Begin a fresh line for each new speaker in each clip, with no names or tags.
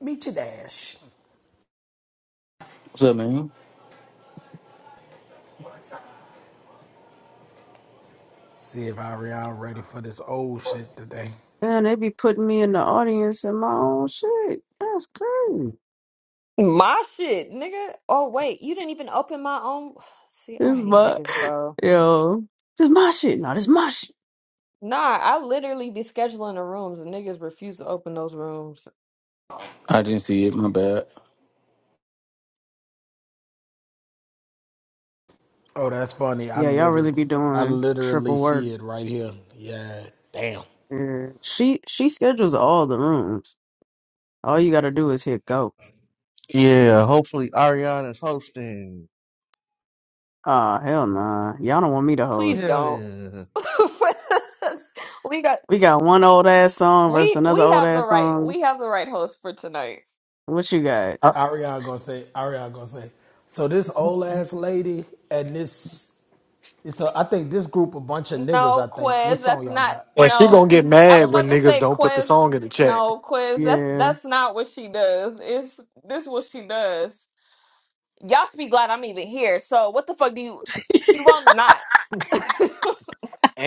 Meet your dash.
What's up, man?
See if Ariana ready for this old shit today.
Man, they be putting me in the audience in my own shit. That's crazy.
My shit, nigga. Oh wait, you didn't even open my own. See, I
This
hate
my
niggas, bro.
yo. This my shit. No, this my shit.
Nah, I literally be scheduling the rooms and niggas refuse to open those rooms.
I didn't see it. My bad.
Oh, that's funny. I
Yeah, y'all really
literally,
be
I
doing
literally
triple
see
work.
it right here. Yeah, damn.
Yeah. She she schedules all the rooms. All you gotta do is hit go.
Yeah, hopefully Ariana's hosting.
Ah, hell nah. Y'all don't want me to
Please
host.
Hell
don't.
yeah.
we got
We got one old ass song versus
we
another
we
old
have the
ass
right
song.
we have the right host for tonight.
What you got?
Uh,
Ariana gonna say, Ariana gonna say. So this old
And
ass lady and this, so I think this group a bunch of niggas.
No
I think. What
quiz, that's
song y'all
not
got?
she
no.
gonna get
I was
mad when
about to
niggas
say
don't put the
quiz.
song in the chat.
No quiz. That's
Yeah.
that's not what she does. It's this what she does. Y'all should be glad I'm even here. So what the fuck do you you won't not? okay, well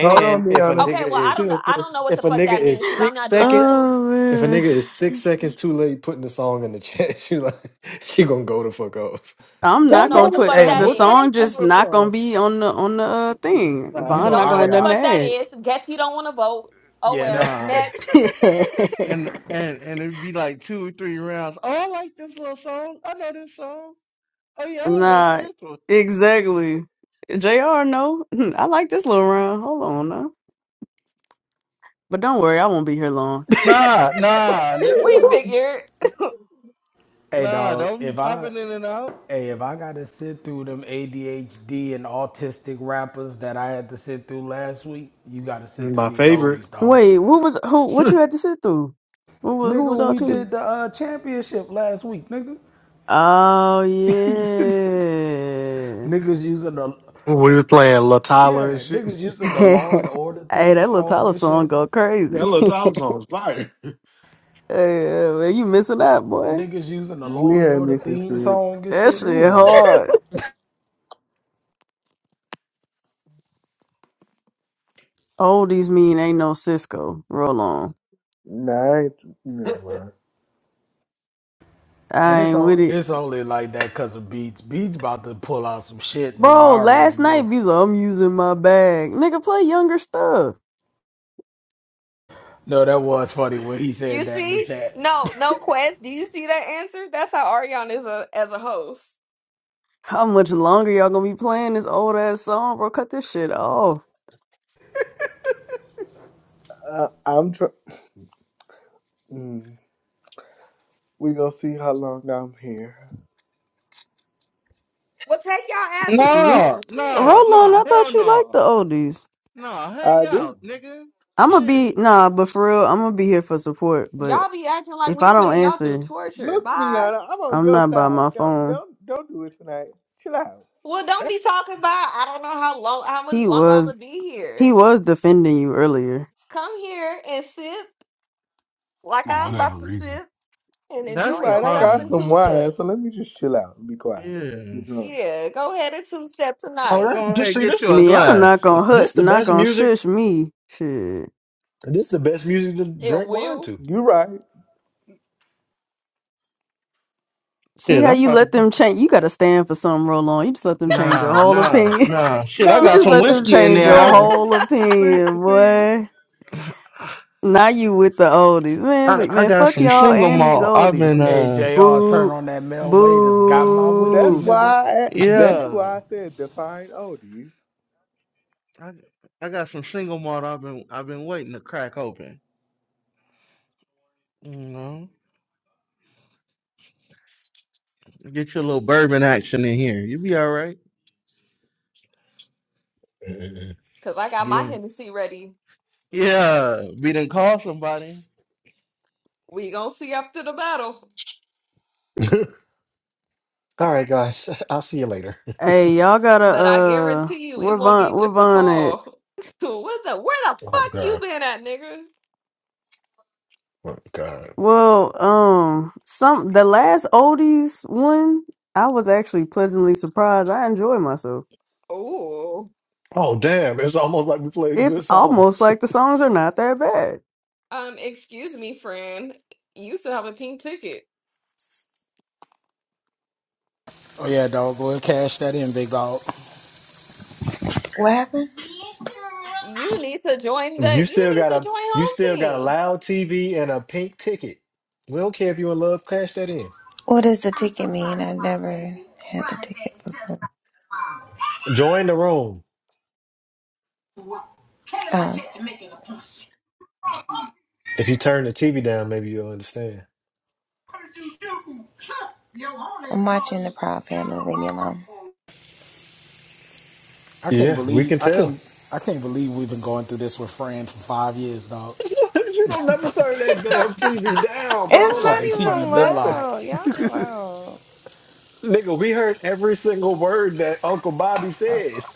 Hold on,
if a
Deanna.
nigga
I don't
is
know.
Chill,
I
chill.
don't know what the
if a
fuck
nigga
that
is
means because I'm
six
not doing
seconds,
riddles.
Oh
if a
man.
nigga is six seconds too late putting the song in the chat, she like she gonna go the fuck off.
I'm
I
Don't
not
don't
know
know
gonna
what the
this
put
fuck
Hey,
song.
that
the
what?
I
is.
song
don't
Uh,
give
just
a
not
song.
gonna be on the on the uh,
N-
thing.
You
Nah,
know
Vaughn
don't
not
know
gonna have
what the
nothing to
Ariana?
fuck that
add.
is. Guess you don't want to vote. Oh
Yeah. That,
well.
nah.
Next,
And and and it'd be like two or three rounds. Oh, I like this little song. I know this song. Oh yeah, I'm gonna vote for
nah,
this one.
exactly. JR, no. Hmm, I like this little round. Hold on now. But don't worry, I won't be here long.
Nah, nah,
we
nigga.
figured.
hey,
Nah,
dog.
don't be
If I
popping in and out.
Hey, if I gotta sit through them ADHD and autistic rappers that I had to sit through last week, you gotta sit through
My
these
favorite.
oldies, dog.
Wait, what was who what you had to sit through? Who was who
Nigga,
was
when
all
we did
two?
the uh, championship last week, nigga.
Oh yeah.
niggas using the
We was playing La Tyler and
yeah,
shit.
niggas using the
hey,
Law and Order theme
that little
song
Tyler
and
song
shit.
go
Yeah,
crazy.
La Tyler song was fire.
hey, man, you missing out, boy.
Niggas using the
We
Law and
ain't
Order
missing
theme
three.
song and
That
shit. It was
shit
a lot.
hard. Oldies mean ain't no Cisco. Roll on.
Nah, I ain't, never mind.
And
I
it's
ain't with
all
it.
it's only like that because of Beats. Beats about to pull out some shit, boy. I
Bro,
already
last night
know.
you was like, I'm using my bag. Nigga, play younger stuff.
No, that was funny when he
You
said that in the
see,
chat.
no, no quest. Do you see that answer? That's how Ariana is a, as a host.
How much longer y'all gonna be playing this old ass song, bro? Cut this shit off.
I, I'm tr- mm, We gonna see how long I'm here.
Well, take y'all asses
Nah,
This
on.
nah,
Shit.
Roland,
nah,
I
hell
thought you liked
no.
the oldies.
Nah, hang
I do.
out, nigga.
I'ma
Shit.
be nah, but for real, I'm gonna be here for support. But
Y'all be acting like
if
we
I don't
putting y'all through
answer,
torture.
Look,
Bye.
Miana, I'm on
I'm
your
not by
side.
my
Don't,
phone.
don't, don't do it tonight. Chill out.
Well, don't be
That's
talking about I don't know how long how much
He
longer I'm
was
gonna be
he
here.
was defending you earlier.
Come here and sip like
For
I'm
whatever
about to
reason.
sip and
You
that's
enjoy
the
right. I
yourself
got
in
problem.
some
two
wine,
step.
so let me just chill out and be quiet. You
Yeah.
drunk.
Yeah, go ahead and two step
Oh,
tonight.
Go
that just
ahead,
see
get
this.
you
I
a
mean, I'm not
glass.
gonna hut,
This the
not
best
gonna
music.
shush me. Shit.
This the best music to
It
drink wine
will,
to.
You right.
See
Shit,
how
I'm
you
about to
let
fuck.
them change. You gotta stand for something, Roland. You just let them change your
Nah,
whole
nah,
opinion.
nah. Shit, I
You
got
just
some
No,
let them
whiskey in
change
there.
your
I've,
no.
whole
See,
opinion,
see.
boy. Now you with the oldies, man.
I,
but-
I
Man,
got
fuck
some
y'all
single
and these
malt. I've
oldies.
been,
Hey,
uh,
JR, turn
Boo,
on that Mel Wade that's got my
That's
whiskey,
boo.
nigga.
why. I, that's
yeah.
why I said define oldies.
I, I got some single malt. I've been, I've been waiting to crack open. You know, get your little bourbon action in here. you be all right.
cause I got
Be
my Hennessy ready.
yeah. Be done call somebody.
We gonna see after the battle.
All right, guys. I'll see you later.
Hey, y'all gotta
But I
uh,
guarantee you it
we're
won't be
Von, we're
just a
Von at.
call. what the where the
oh
fuck
God.
you been at, nigga?
Oh, God.
Well, um, some the last oldies one, I was actually pleasantly surprised. I enjoy myself.
Oh.
Oh damn, it's almost like we played
It's
good
almost
songs.
like the songs are not that bad.
Um, excuse me, friend. You still have a pink ticket.
Oh yeah, dog. Go ahead, cash that in, big dog.
What happened?
You need to join the
You
you
still
need
got
to
a
join
you
home
still got a
team.
loud TV and a pink ticket. We don't care if you in love, cash that in.
What does the ticket mean? I never had the ticket before.
Join the room.
Um,
If you turn the TV down, maybe you'll understand.
I'm watching the Proud Family. Leave me alone.
I can't
Yeah, we
believe
can
I
tell.
can't I can't believe we've been going through this with Fran for five years, dog.
you don't never turn that damn TV down, bro.
It's
Fucking
Like for
not
TV
even
been
nothing.
loud.
loud. Y'all chill out.
Nigga, we heard every single word that Uncle Bobby said.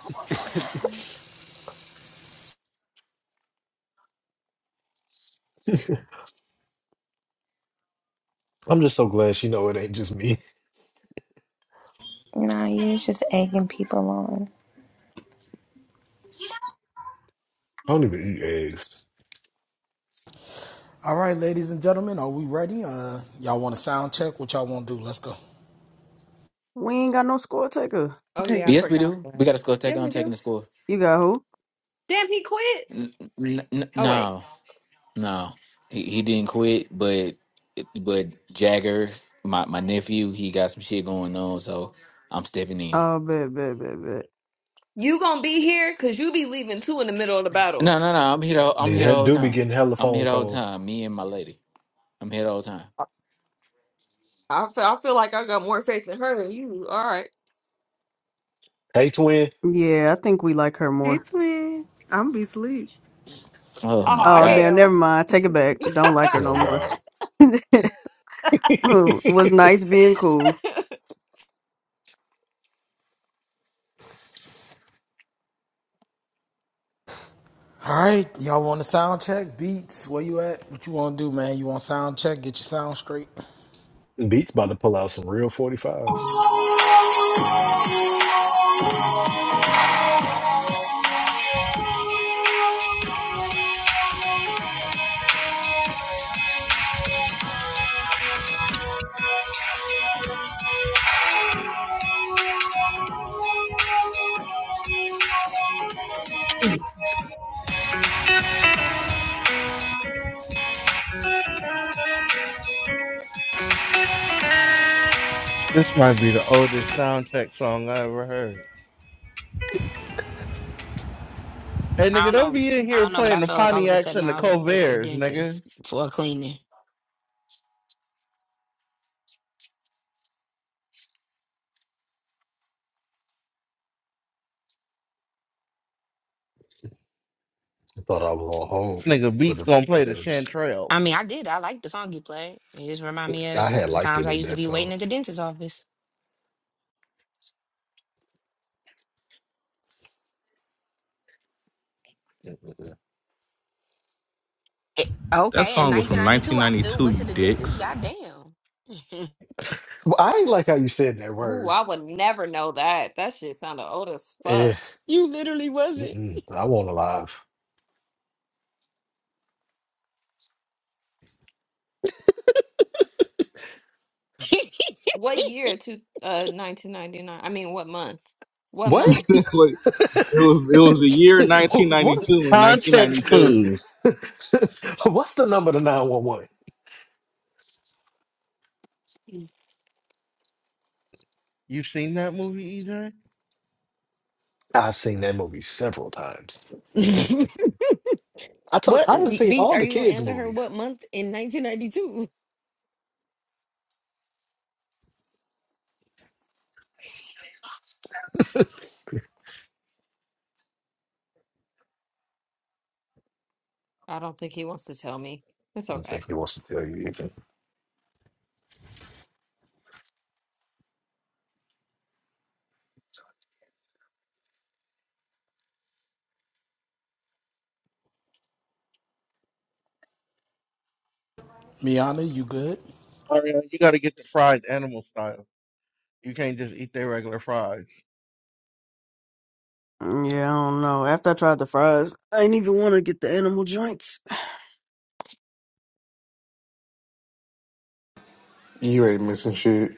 I'm just so glad she know it ain't just me.
Nah, you was just egging people on.
I don't even eat eggs.
All right, ladies and gentlemen, are we ready? Uh, y'all want a sound check? What y'all want to do? Let's go.
We ain't got no score taker.
Oh
Take
yeah, I
Yes, we
forgot
do. We
that.
got a score
Yeah,
taker. I'm
we
taking
do.
the score.
You got who?
Damn, he quit.
N- n- n-
Oh wait.
no, no, he, he didn't quit, but but Jagger, my, my nephew, he got some shit going on, so I'm stepping in.
Oh, bet, bet, bet, bet.
You gonna be here? Cause you be leaving too in the middle of the battle.
No, no, no. I'm here. The, I'm
They
here
ha-
the whole
do be
time.
getting hella
I'm here
phone
the whole
calls.
time. Me and my lady. I'm here the whole time.
I, I feel I feel like I got more faith in her than you. All right.
Hey twin.
Yeah, I think we like her
Hey,
more.
twin. I'm be sleep. Oh my
Oh
Oh,
god.
damn, never mind. Take it back. Don't
hell.
like her
Oh
no more.
God.
Was nice being cool.
All right, y'all want a sound check? Beats, where you at? What you want to do, man? You want sound check? Get your sound straight.
Beats about to pull out some real 45s.
This might be the oldest soundtrack song I ever heard. Hey,
I
nigga,
don't
don't
know.
be in
I
here
don't know, but I
playing the
felt like all of a
Pontiacs
sudden
and the
I was at the
Colverts, nigga.
dentist for a cleaning.
I thought I was on hold
This nigga
for
Beats
the
gonna play the
dentist.
I
Chanterelles.
mean, I did. I liked the song you played. It just reminded me
I
of
had
the
liked they
times I
did
used to
that
be waiting
song.
at the dentist's office. It-
That
okay, in
song was from
1992, I still
1992, you
went to the dentist.
dicks.
Goddamn.
Well, I ain't like how you said that
oh,
word.
I would never know that. That shit sounded old as
Eh,
fuck.
you literally wasn't.
mm-mm, I want alive.
What year to uh nineteen ninety nine? I mean what month? What
What?
month?
Wait, it was it was the year
what?
1992 and
Context
1992.
clues.
What's the number to 911?
You've seen that movie, EJ?
I've seen that movie several times. I told
what,
I did seen
Beats,
all
are
the
you going to
kids'
answer her what
movies.
month in 1992?
I
I don't think he wants to tell me. It's
don't
okay.
think he wants to tell you anything.
Miana, you good?
Ariana, You gotta get the fried animal style. You can't just eat their regular fries.
Mm, Yeah, I don't know. After I tried the fries, I didn't even want to get the animal joints.
You ain't missing shit.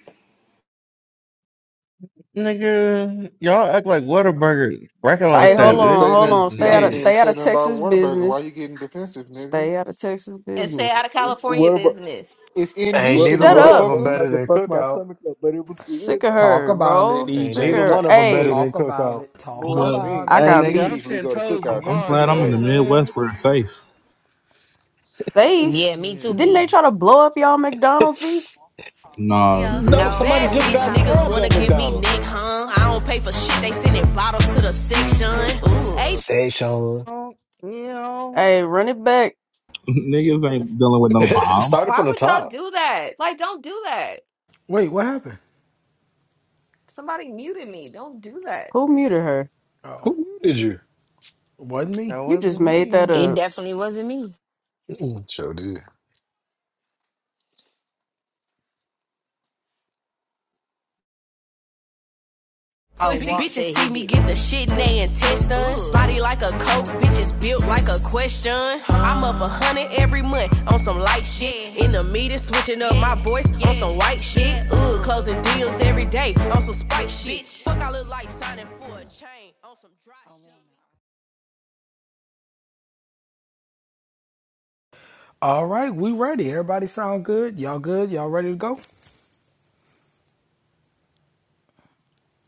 Nigga, y'all act like Whataburger bracket
I
Hey,
like
didn't
that.
hold
even
This
on,
say
shit
hold
is
nothing.
on.
See,
Stay
I
out of
didn't
mid.
even
stay out
say
of
nothing about
Texas
Whataburger. Why
business.
you getting defensive, nigga?
Stay out of Texas
And stay
business.
out of California
What about?
business.
It's in
Ain't
What
Houston,
neither
Shut
what
one
if-
of
up.
them
what if
motherfucker.
I
better
could
than
fuck my
Cookout.
stomach up? But it was good
Sick of
though.
Talk
her,
about it,
bro.
Ain't
Sick of
neither
EJ.
her.
Talk,
one of them better
Hey,
than
talk about
Cookout.
it. Talk
Boy, I
Well,
about
seen
I
it.
I
Hey
got
seen
nigga, I'm
Keith Lee
beats.
ten
go to
toes with
cookout. That
I'm
shit
mine, you
was
glad
know
I'm
what
in
I'm
the
ass.
saying?
Midwest where it's safe.
Yeah,
Safe.
me
Yeah.
too,
Didn't they try
Beats.
to blow up y'all McDonald's beats?
No,
Leo.
No,
No,
somebody
Bad
she
just
didn't
bitch
got
try to
niggas
blow
stabbed
up
wanna
at
give me
nothing.
neck,
McDonald's.
huh? I don't pay for shit, they sending bottles to the section. Ooh. H
Say, Sean.
Oh, you know,
Hey, run it back.
niggas ain't dealing with no bomb.
Started
Why
from the
would y'all
top.
do that? Like, don't do that.
Wait, what happened?
Somebody muted me. Don't do that.
Who muted her?
Oh,
Who muted you?
wasn't
that
me.
You
wasn't
just made that
me.
It
up.
definitely wasn't me.
Mm-mm. Sure did.
Oh,
pussy. B
Walt
Bitches
said he
see me
did
get the shit and they intestines. Ooh. Body like a coke, bitches built like a question. Huh. I'm up a hundred every month on some light shit. In the meter. switching up my voice on some white shit. Ooh, closing deals every day on some spike shit. Bitch. Fuck, I look like signing for a chain on some dry
All right, we ready. Everybody sound good? Y'all good? Y'all ready to go?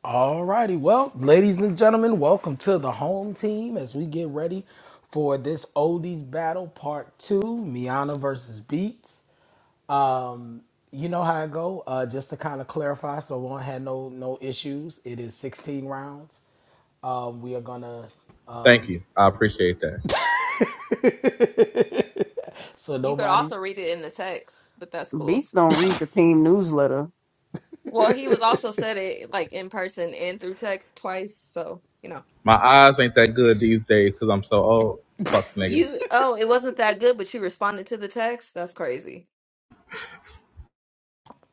All righty. Well, ladies and gentlemen, welcome to the home team as we get ready for this oldies battle part two, Miana versus Beats. Um, you know how it go. Uh, just to kind of clarify, so we won't have no no issues. It is 16 rounds. Um, we are gonna. Uh,
Thank you. I appreciate that.
so
You could
nobody.
also read it in the text, but that's cool.
Beats don't read the team newsletter.
Well, he was also said it like in person and through text twice, so you know.
My eyes ain't that good these days because I'm so old. Fuck niggas.
You oh, it wasn't that good, but you responded to the text? That's crazy.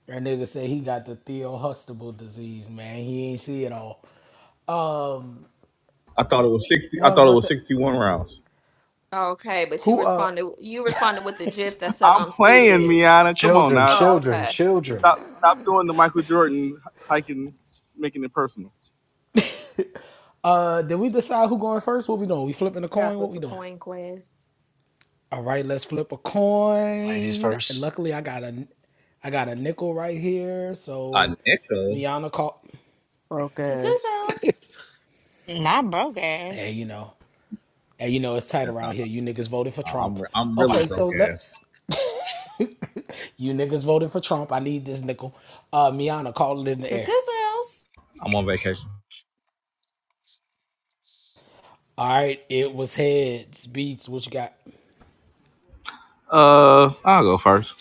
That nigga said he got the Theo Huxtable disease, man. He ain't see it all.
I thought it was sixty.
What
I
I was
thought it
about
was
to say.
sixty-one rounds.
Okay, but you
Who uh
responded you responded with the gif that said
I'm
I'm
playing,
stupid.
Miana. Come on
Children,
now.
Oh,
Don't
children,
okay.
children.
stop. Stop doing the Michael Jordan hiking, making it personal.
uh did we decide who going first? What we doing? We flipping a
You gotta
coin? What
flip
we
a
doing?
coin quiz.
All right, let's flip a
Ladies
coin. And
first.
luckily I got a I got a nickel right here.
A
So
nickel.
Miana called
Broke
To
ass.
Sizzles.
Not broke
Hey,
ass.
you know. Hey, you know it's tight
Yeah, nah,
around here. You niggas voted for
nah, I'm
Trump.
re- I'm
Wow,
really
Okay,
broke
so let
ass.
you niggas voted for Trump. I need this nickel. Uh Miana called it in the
To
air.
Sizzles.
I'm on vacation.
All right, it was heads, beats, what you got?
Uh, I'll go first.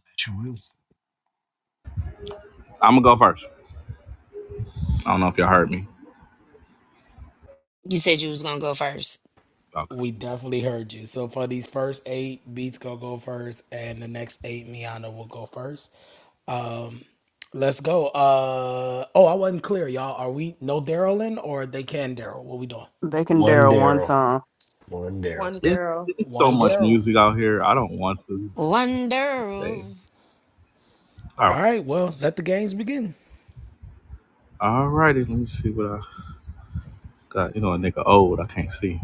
that you will.
I'm gonna go first. I don't know if y'all heard me.
You said you was gonna go first.
Okay.
We definitely heard you. So for these first eight, Beats gonna go first, and the next eight, Miana will go first. Um, let's go. Uh, oh, I wasn't clear, y'all. Are we no Daryl in, or they can Daryl? What we doing?
They can
One
Daryl one
Daryl.
time.
One Daryl.
One
It's,
girl.
it's so
One
much
Daryl.
music out here. I don't want to. They
Wonderful
all
All right. Well, let the games begin.
all righty. Let me see what I got. You know, a nigga old. I can't see.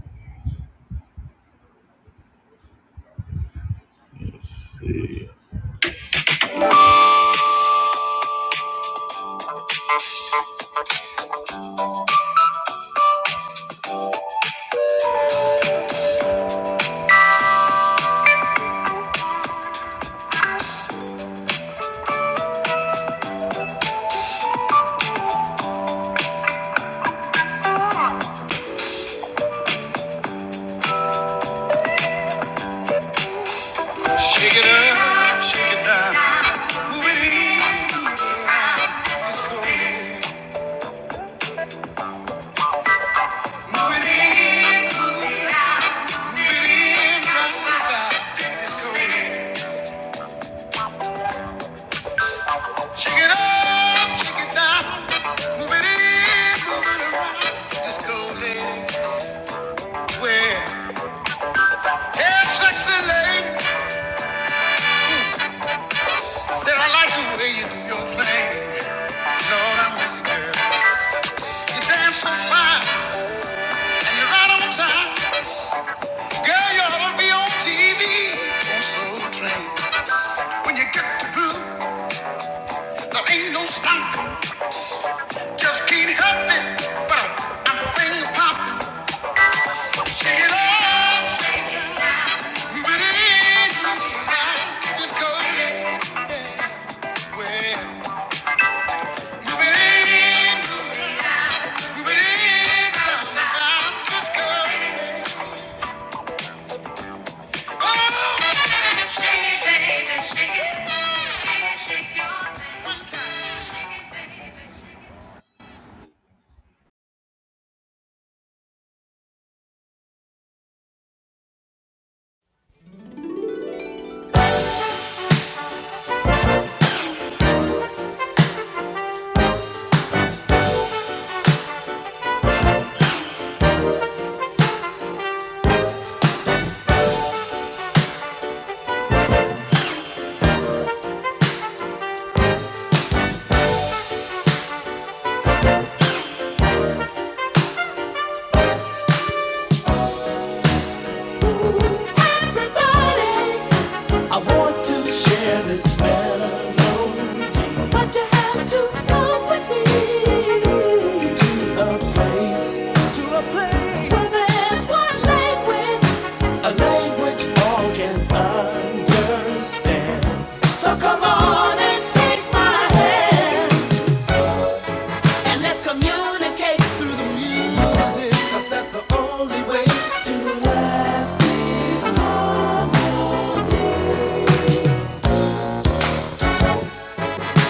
Let's see. Shake it up, shake it down, move it in, move it in, move it in, rock it out. throw it in. Shake it up, shake it down, move it in, move it around. Just lady, where? Yeah, sexy lady, said I like the way you do your thing. Lord, I miss you, girl. You dance so fine, and you're right on time. Girl, you ought to be on TV. On Soul Train. When you get to blue, there ain't no stop. Just can't help it. But I'm, I'm finger popping. Shake it off. Move it in. Just go anywhere. Move it in. Move it in. Just go. Oh. Shake it, baby, shake it.
shit. Everybody I want to share this melody, but you have to come with me to a place, to a place where there's one language, a language all can understand. So come on and take my hand, and let's communicate through the music, 'cause that's the only way to lasting harmony.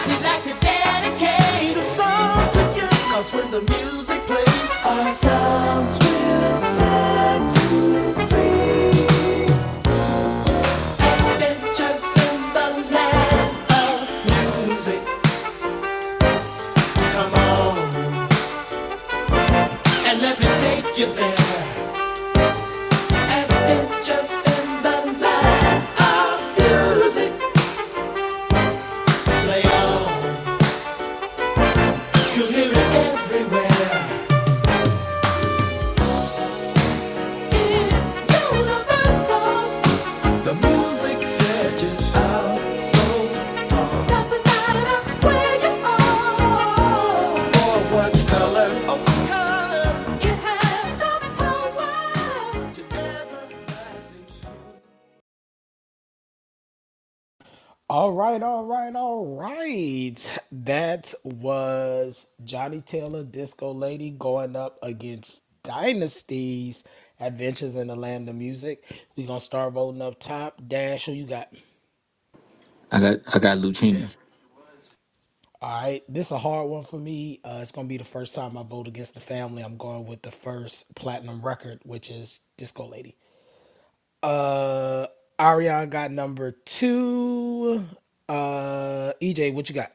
we like to dedicate the song to you. 'Cause when the music plays, our sounds will set you free. Adventures in the land of music. Come on and let me take you there. Adventures in the land of music. Play on, you'll hear it everywhere. It's universal. The music stretches out so far. Doesn't matter where you are or what color, or what color. It has the power to everlasting.
All right, all right, all right. That was Johnny Taylor, Disco Lady, going up against Dynasty's Adventures in the Land of Music. We're going to start voting up top. Dash, who you got?
I got I got Lucina.
All right, this is a hard one for me. Uh, it's going to be the first time I vote against the family. I'm going with the first platinum record, which is Disco Lady. Uh, Ariana got number two. Uh, EJ, what you got?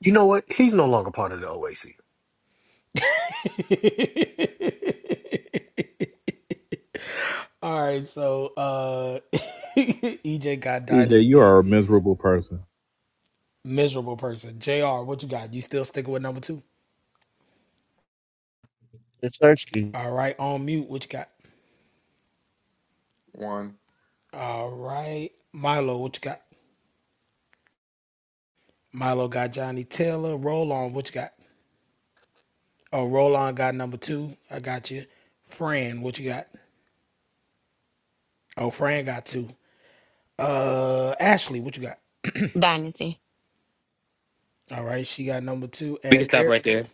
You know what? He's no longer part of the OAC.
All right, so uh EJ got
EJ, you
Dynasty.
are a miserable person.
Miserable person. JR, what you got? You still sticking with number two?
It's thirsty.
All right, on mute, what you got?
One.
All right, Milo, what you got? Milo got Johnny Taylor. Roll on, what you got? Oh, roll on got number two. I got you. Fran, what you got? Oh, Fran got two. Uh, Ashley, what you got?
Dynasty.
All right, she got number two.
We
And
can stop
Eric.
right there.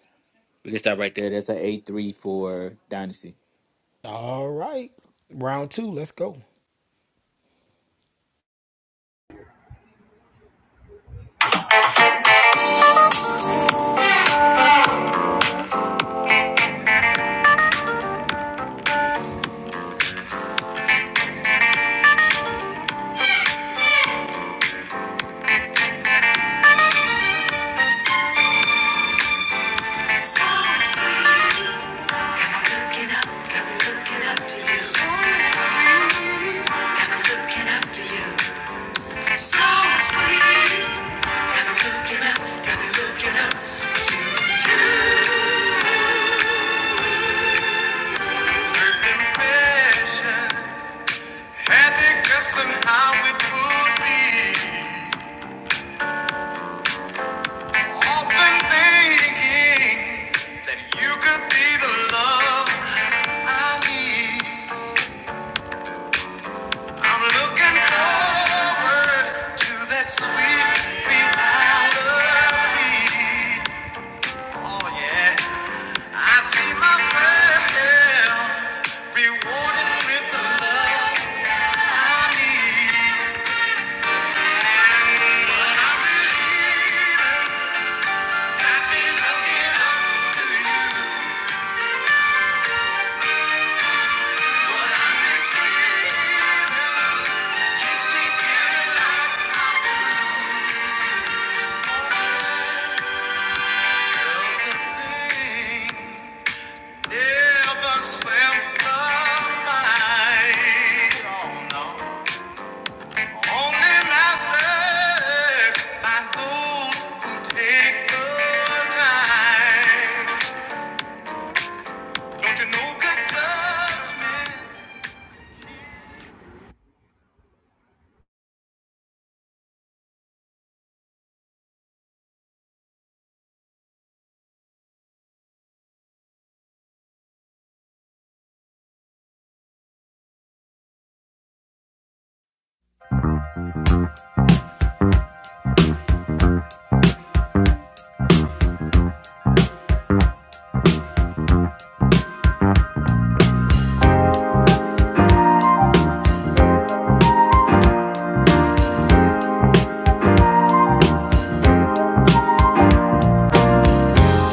We can stop right there. That's an eight three for Dynasty.
All right, round two, let's go.
Somehow it would be often thinking that you could be the love I need. I'm looking forward to that sweet reality. Oh yeah, I see myself yeah, rewarded with the love I need. I believe I've been looking up to you, but I'm missing. Keeps me feeling like nothing ever simplified. Only masters by those who take the time. Don't you know good judgment?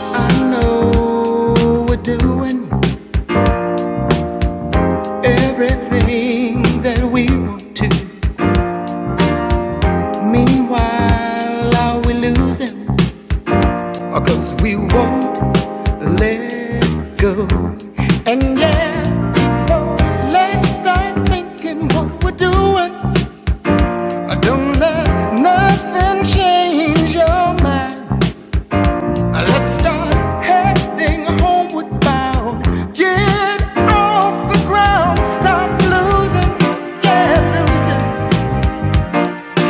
I know we're doing everything that we want to. Meanwhile, are we losing? Or 'cause we won't let go. Let's start thinking what we're doing. Don't let nothing change your mind. Let's start heading homeward bound. Get off the ground, stop losing, yeah, losing.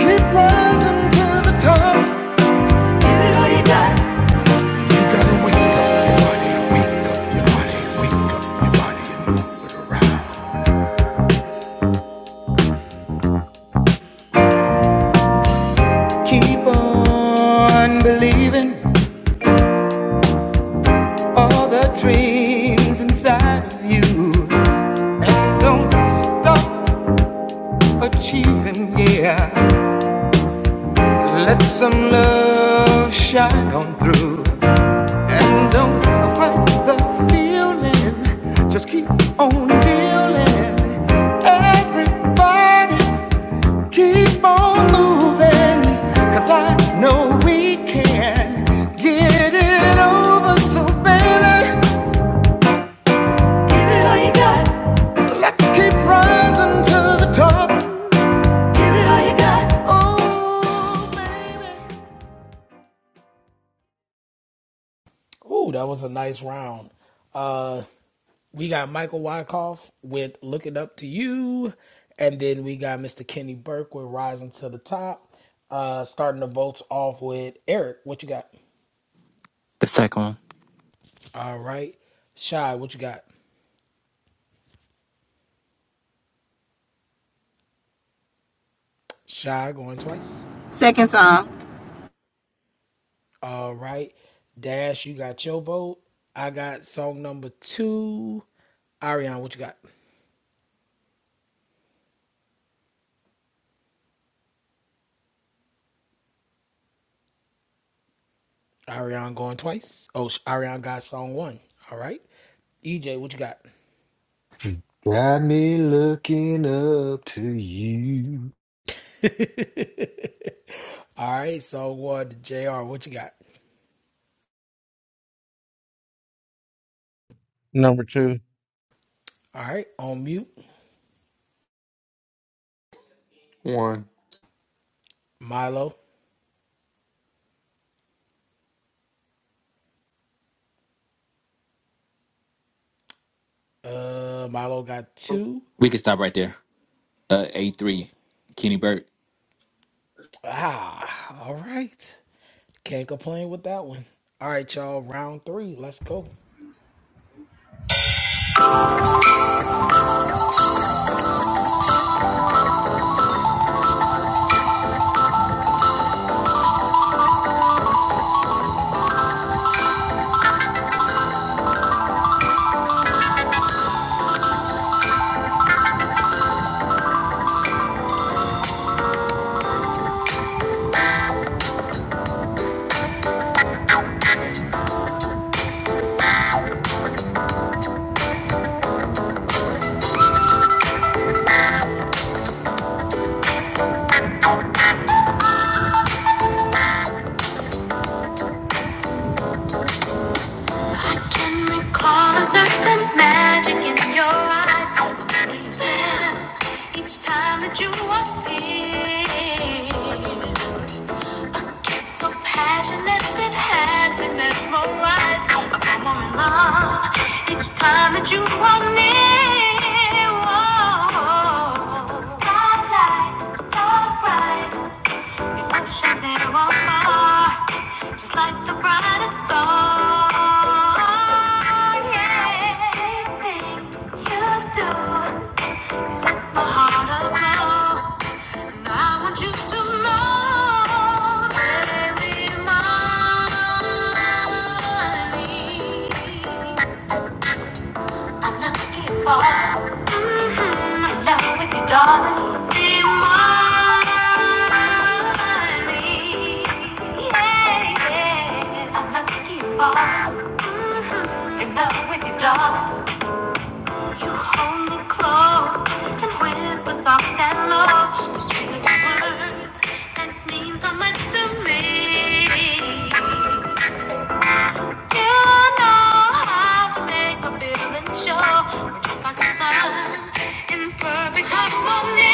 Keep rising to the top. Keep on believing all the dreams inside of you. And don't stop achieving, yeah. Let some love shine on through. And don't fight the feeling. Just keep on dealing. Everybody keep on moving, 'cause I know we can get it over. So baby, give it all you got. Let's keep rising to the top. Give it all you got. Oh.
Ooh, that was a nice round. Uh, we got Michael Wyckoff with Looking Up to You. And then we got Mr. Kenny Burke with Rising to the Top. Uh, starting the votes off with Eric. What you got?
The second one.
All right. Shy, what you got? Shy going twice.
Second song,
All right. Dash, you got your vote. I got song number two. Ariane, what you got? Ariane going twice. Oh, Ariane got song one. All right. EJ, what you got?
Got me looking up to you.
All right, song one. JR, what you got?
Number two.
All right, on mute.
One.
Milo. Uh, Milo got two.
We can stop right there. Uh, A three, Kenny Burke.
Ah, all right. Can't complain with that one. All right, y'all. Round three. Let's go.
Can we call a certain magic in your eyes? I will spell each time that you appear. So passionate, it has been mesmerized. I'm more in love each time that you are near. Whoa. Starlight, starbright, your oceans near on mine, just like the brightest star. Yeah. Sweet things you do, you set my heart aglow. I want you to know that every morning I'm not looking for my love with you, darling. Be mine. Yeah, yeah. I'm not looking for in love with you, darling. Hold me close and whisper soft and low. Those true words and means so much to me. You know how to make a feeling sure. We're just like the sun in perfect harmony.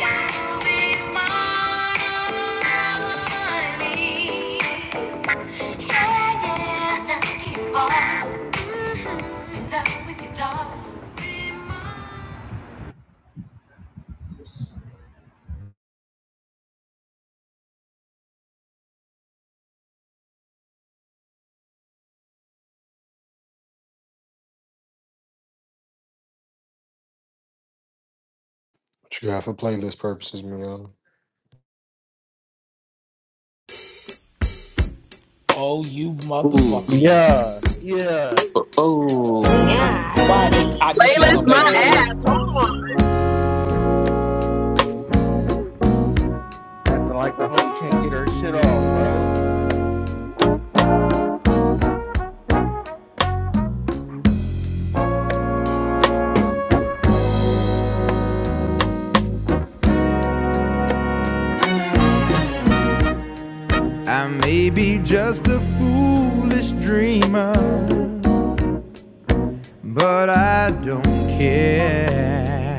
you be mine. Yeah, yeah, let's Mhm, in love with you, darling.
What you got for playlist purposes, Mariana?
Oh, you
Ooh,
motherfucker, you.
Yeah, yeah.
God
oh. Why I knew she,
damn.
I knew she was
Playlist
gonna play
my
this
Playing
shit.
with
ass. Hold on.
acting like the homie can't get her shit off, bro.
I may be just a foolish dreamer, but I don't care,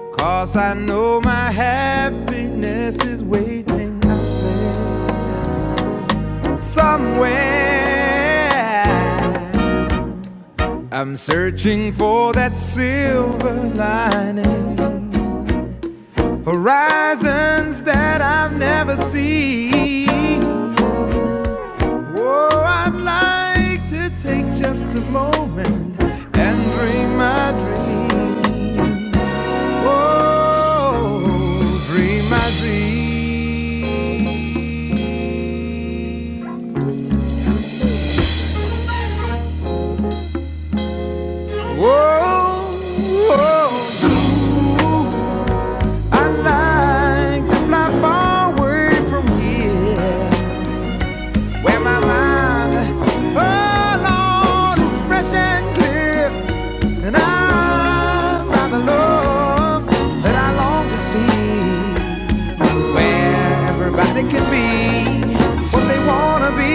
'Cause I know my happiness is waiting out there somewhere. I'm searching for that silver lining, horizons that I've never seen. Oh, I'd like to take just a moment and dream my dream. Oh, dream my dream. Oh, oh, ooh. I'd like to fly far away from here, where my mind, oh Lord, is fresh and clear, and I'm by the love that I long to see. where everybody can be what they wanna be.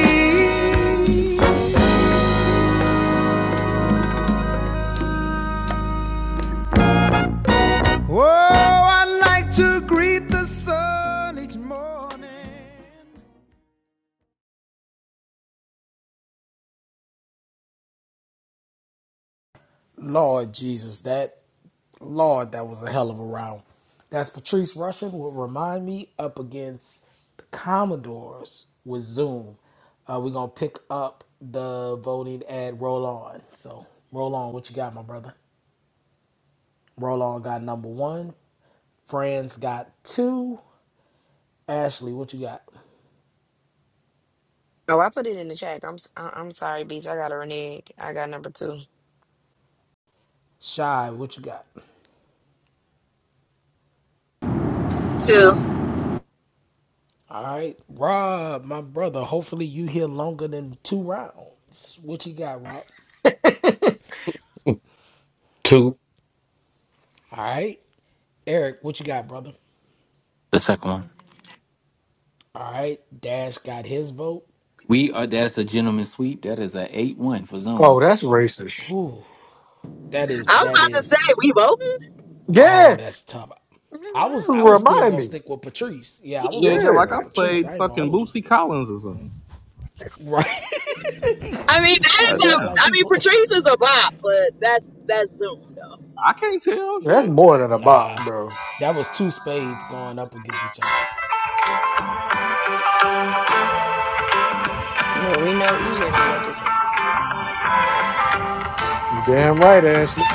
Oh, I like to greet the sun each morning.
Lord Jesus, that Lord, that was a hell of a round. That's Patrice Russian will remind me up against the Commodores with Zoom. Uh, we're gonna pick up the voting at Roll On. So roll on. What you got, my brother? Roll on got number one. Fran's got two. Ashley, what you got?
Oh, I put it in the chat. I'm s- I- I'm sorry, Beats. I got a renege. I got number two.
Shy, what you got?
two.
All right, Rob, my brother. Hopefully you here longer than two rounds. What you got, Rob?
Two.
All right, Eric, what you got, brother?
The second one.
All right, Dash got his vote.
We are. That's a gentleman sweep. That is a eight one for Zoom.
Oh, that's racist.
Whew, that is
I was
that
about to say
is.
we voting.
Oh, that's
Yes.
tough. I was I was still
Remind
gonna
me.
stick with Patrice. Yeah, I
You
was
said
gonna
that
Yeah,
like
stick
I
with Patrice.
played
I ain't gonna
fucking
hold you.
Bootsy Collins or something.
Right.
I mean that
God
is
Nigga
a.
act
damn.
like
I
he
mean
pl-
Patrice is a bop, but that's that's Zoom
I can't tell
that's
shit.
more than a bop,
Nah,
bro.
that was two spades going up against each other.
Well, we know EJ don't got this one.
You damn right, Ashley.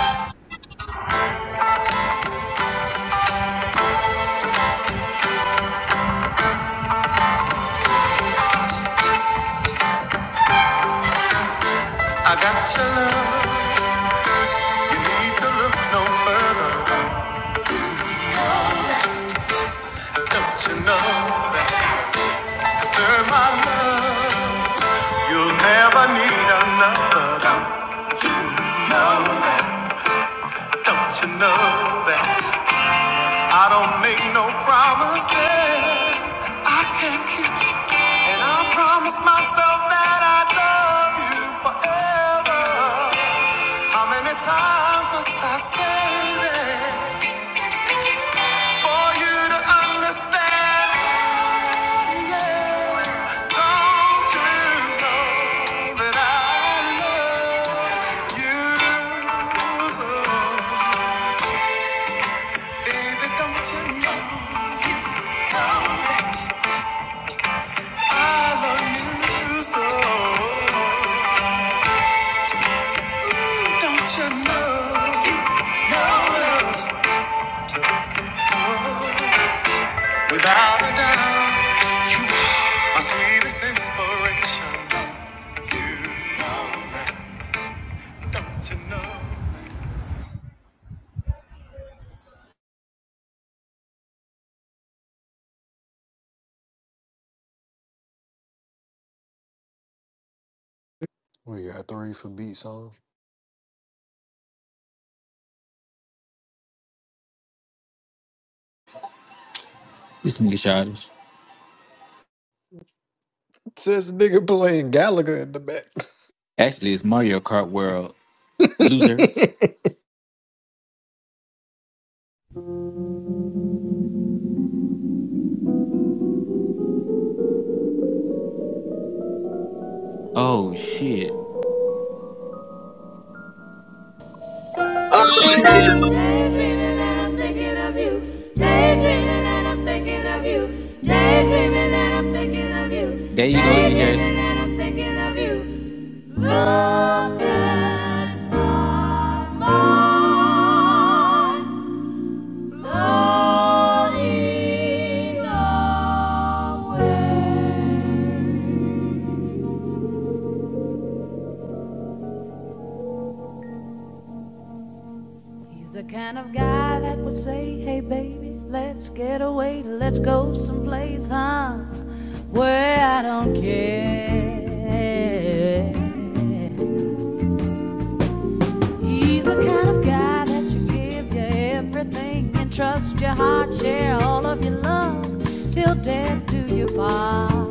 I got your love. Need to look no further. Don't you know that after my love, you'll never need another. Don't you know that? Don't you know that? I don't make no promises I can't keep, and I promise myself that I love you forever. How many times must I say that? yeah. so? so? Without a doubt, you are my sweetest inspiration. You, don't you know?
We got three for beat song.
This nigga childish.
Says the nigga playing Gallagher in the back.
Actually, it's Mario Kart World loser. Oh shit.
though. Um,
Daydreaming and I'm thinking of you. Daydreaming and I'm thinking of you. Daydreaming and I'm thinking of you.
There you go, EJ.
Daydreaming and I'm thinking of you. Look at my mind. Floating away. He's the kind of guy that would say, hey baby, let's get away, let's go someplace, huh? Where I don't care. He's the kind of guy that you give you everything and trust your heart, share all of your love till death do you part.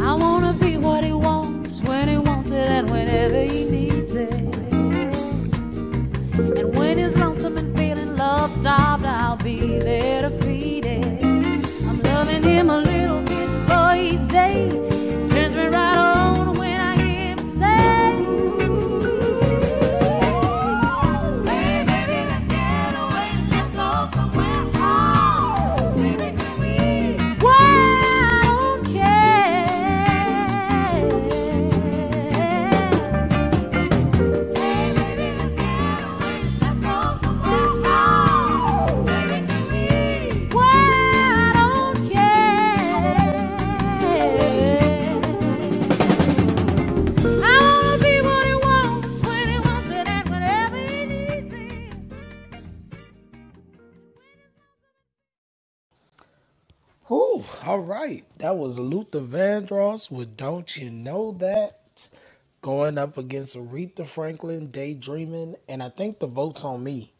I wanna be what he wants when he wants it and whenever he needs it. And when it's lonesome and feeling love starved, I'll be there to feed it. I'm loving him a little bit for each day. It Turns me right on when I hear him say, ooh, Hey, baby, let's get away, let's go somewhere. Oh, baby, can we? Why I don't care. Ooh,
Ooh, all right. That was Luther Vandross with Don't You Know That going up against Aretha Franklin, Daydreaming, and I think the vote's on me.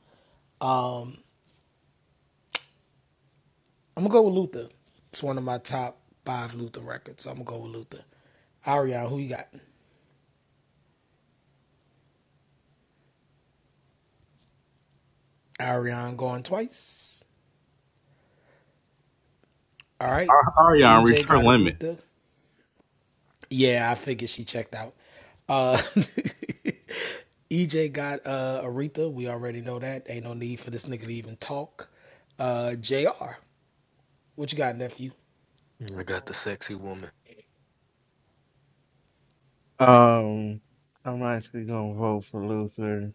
I'm going to go with Luther. It's one of my top five Luther records, so I'm going to go with Luther. Ariane, who you got? Ariane going twice. All right.
Ariana, reached
EJ
her
got
limit.
Aretha. Yeah, I figured she checked out. Uh, EJ got uh, Aretha. We already know that. Ain't no need for this nigga to even talk. Uh, JR, what you got, nephew?
I got the sexy woman.
Um, I'm actually gonna vote for Luther.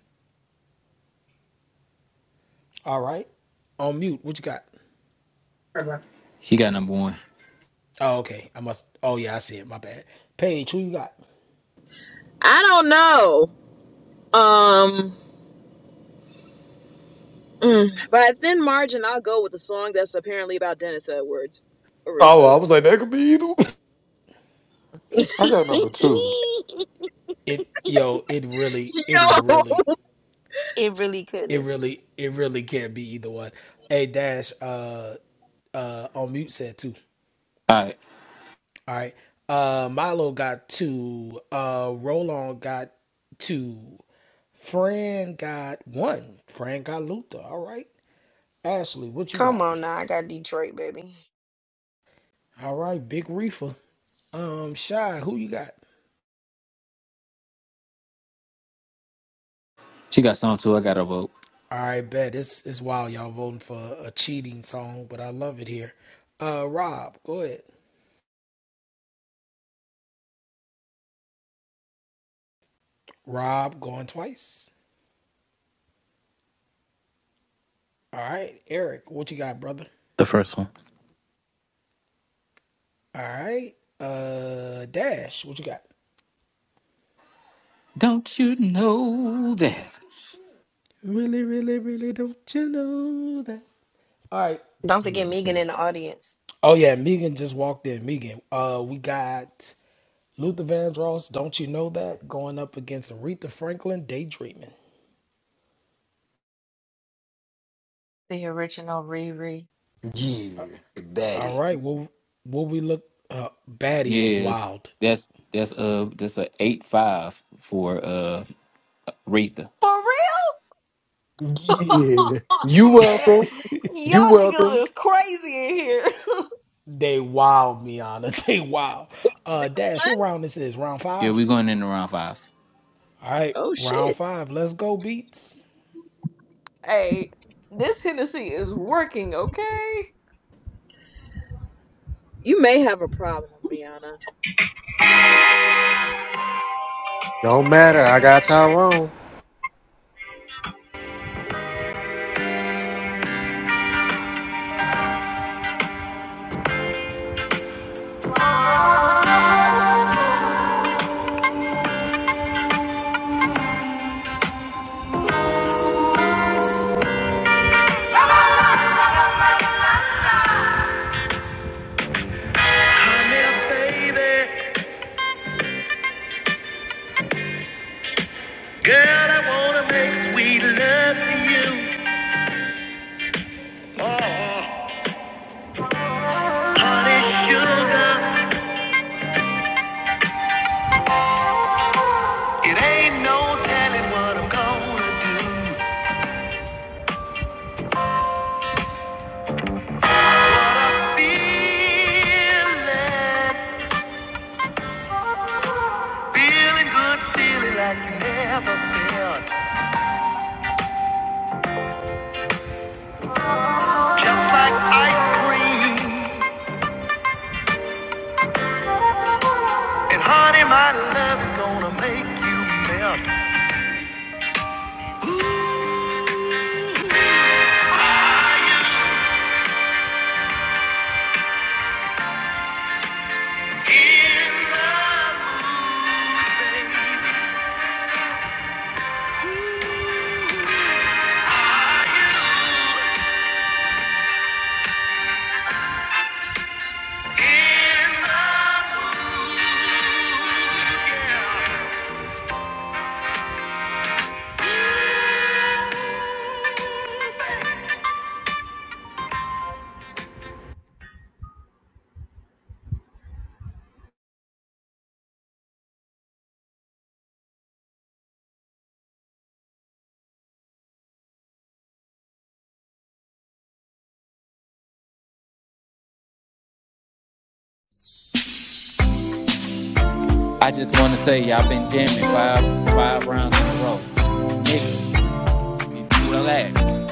All right. On mute, what you got?
He got number one.
Oh, okay. I must. Oh, yeah, I see it. My bad. Paige, who you got?
I don't know. Um, mm, by a thin margin, I'll go with the song that's apparently about Dennis Edwards,
oh,
Aretha.
I was like, that could be either. one.
I
it
got number two.
It, yo, it really, it
Yo.
really,
really could
it
have.
really, it really can't be either one. Hey, Dash, uh, uh, on mute said too.
All right,
All right. Uh, Milo got two. Uh, Roland got two. Fran got one. Fran got Luther. All right. Ashley, what you
Come
got?
on now, I got Detroit, baby.
All right. Big Reefer. Um, Shy, who you got?
she got song two. I got to vote.
All right, bet. It's, it's wild. Y'all voting for a cheating song, but I love it here. Uh, Rob, go ahead. Rob going twice. All right. Eric, what you got, brother?
The first one.
All right. Uh, Dash, what you got?
Don't you know that?
Really, really, really don't you know that? All right.
Don't
Let
forget
me see.
Megan in the audience.
Oh yeah, Megan just walked in. Megan, uh, we got Luther Vandross. Don't you know that going up against Aretha Franklin? Daydreaming.
the original Riri.
Yeah,
All
daddy.
right. Well, what we look? Uh, Batty is
Yes,
wild.
that's that's uh that's a eight five for uh Aretha.
For
Yeah. You
real?
welcome.
Y'all
You welcome.
niggas is crazy in here.
They wild, Miana. They wild. Uh, Dash, what round this is? Round
Yeah,
five.
we going into round five.
All right,
Oh
round
shit.
five. Let's go, beats.
hey, this Hennessy is working, okay?
You may have a problem, Rihanna.
Don't matter. I got Tyrone.
baby. Girl, I wanna make sweet love to you. Honey, sugar. It ain't no telling what I'm gonna do. But I feel it. Feeling good, feeling like you never felt. Just like ice cream. And honey, my love is gonna make you melt.
I just want to say y'all been jamming five five rounds in a row, nigga. y- y- Relax.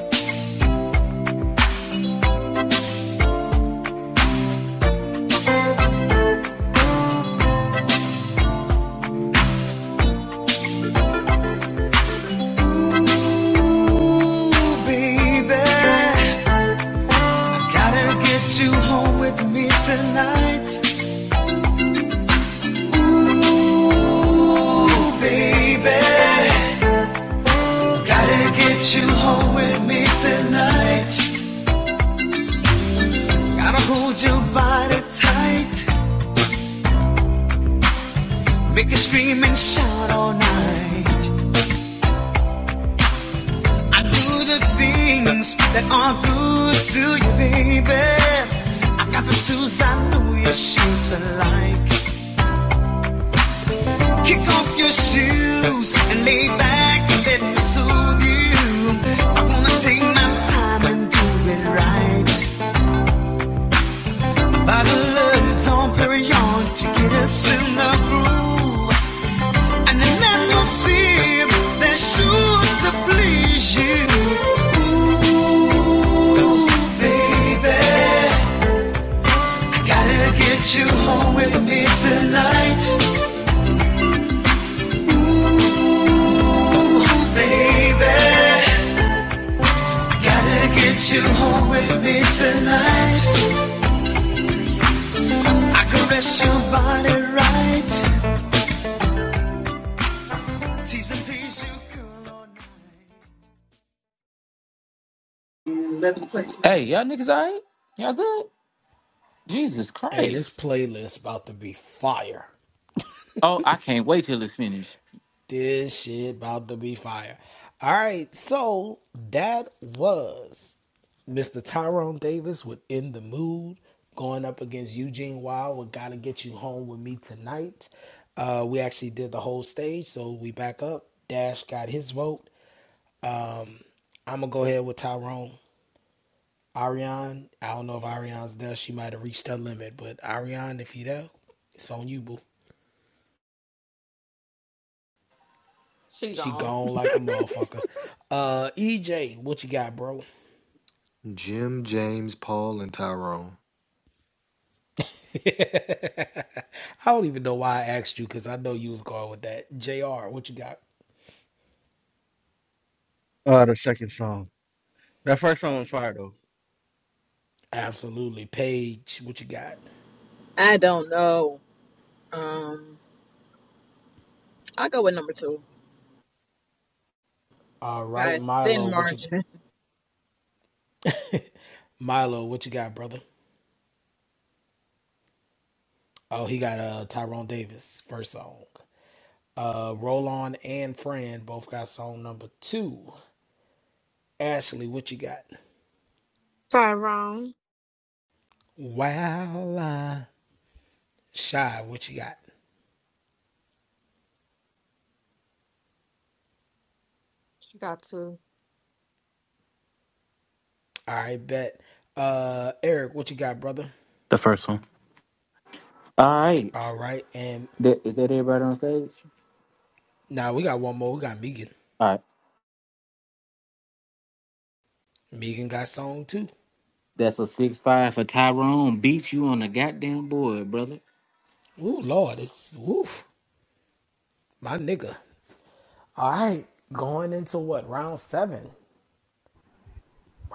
baby, gotta get you home with me tonight. Ooh, baby. Gotta get you home with me tonight. Gotta hold your body tight. Make you scream and shout all night. I do the things that are good to you, baby. I got the tools I know your shoes are like. Kick off your shoes and lay back and let me soothe you. I wanna take my time and do it right. Bottle of Dom Perignon to get us in the groove. And an atmosphere that sure to please you. Ooh, baby, gotta get you home with me tonight. Ooh, baby, gotta get you home with me tonight. I caress your body right, tease and please you, girl, all night.
Hey, y'all niggas, all right? Y'all good? Jesus
Hey, this
Christ!
playlist about to be fire.
Oh, I can't wait till it's finished.
This shit about to be fire. All right, so that was Mr. Tyrone Davis with In the Mood going up against Eugene Wild with Gotta Get You Home with Me Tonight. Uh, we actually did the whole stage, so we back up. Dash got his vote. Um, I'm gonna go ahead with Tyrone. Ariane, I don't know if Ariane's there. She might have reached her limit, but Ariane, if you there, it's on you, boo.
She
She
gone.
gone like a motherfucker. Uh, EJ, what you got, bro?
Jim, James, Paul, and Tyrone.
I don't even know why I asked you because I know you was going with that. JR, what you got?
Uh, the second song. That first song was fire though.
Absolutely. Paige, what you got?
I don't know. Um, I'll go with number two
All
by a
right,
thin
Milo, what you
margin.
Milo, what you got, brother? Oh, he got uh Tyrone Davis, first song. Uh Rollon and Fran both got song number two. Ashley, what you got?
Tyrone.
Wow I Shy, what you got?
She got to.
All right, bet. Uh Eric, what you got, brother?
The first one.
All right,
All right, and
that, is that everybody on stage?
now we got one more. We got Megan.
All right,
Megan got song too.
that's a six five for Tyrone. Beat you on the goddamn board, brother.
Ooh, Lord, it's woof, my nigga. All right, going into what round seven?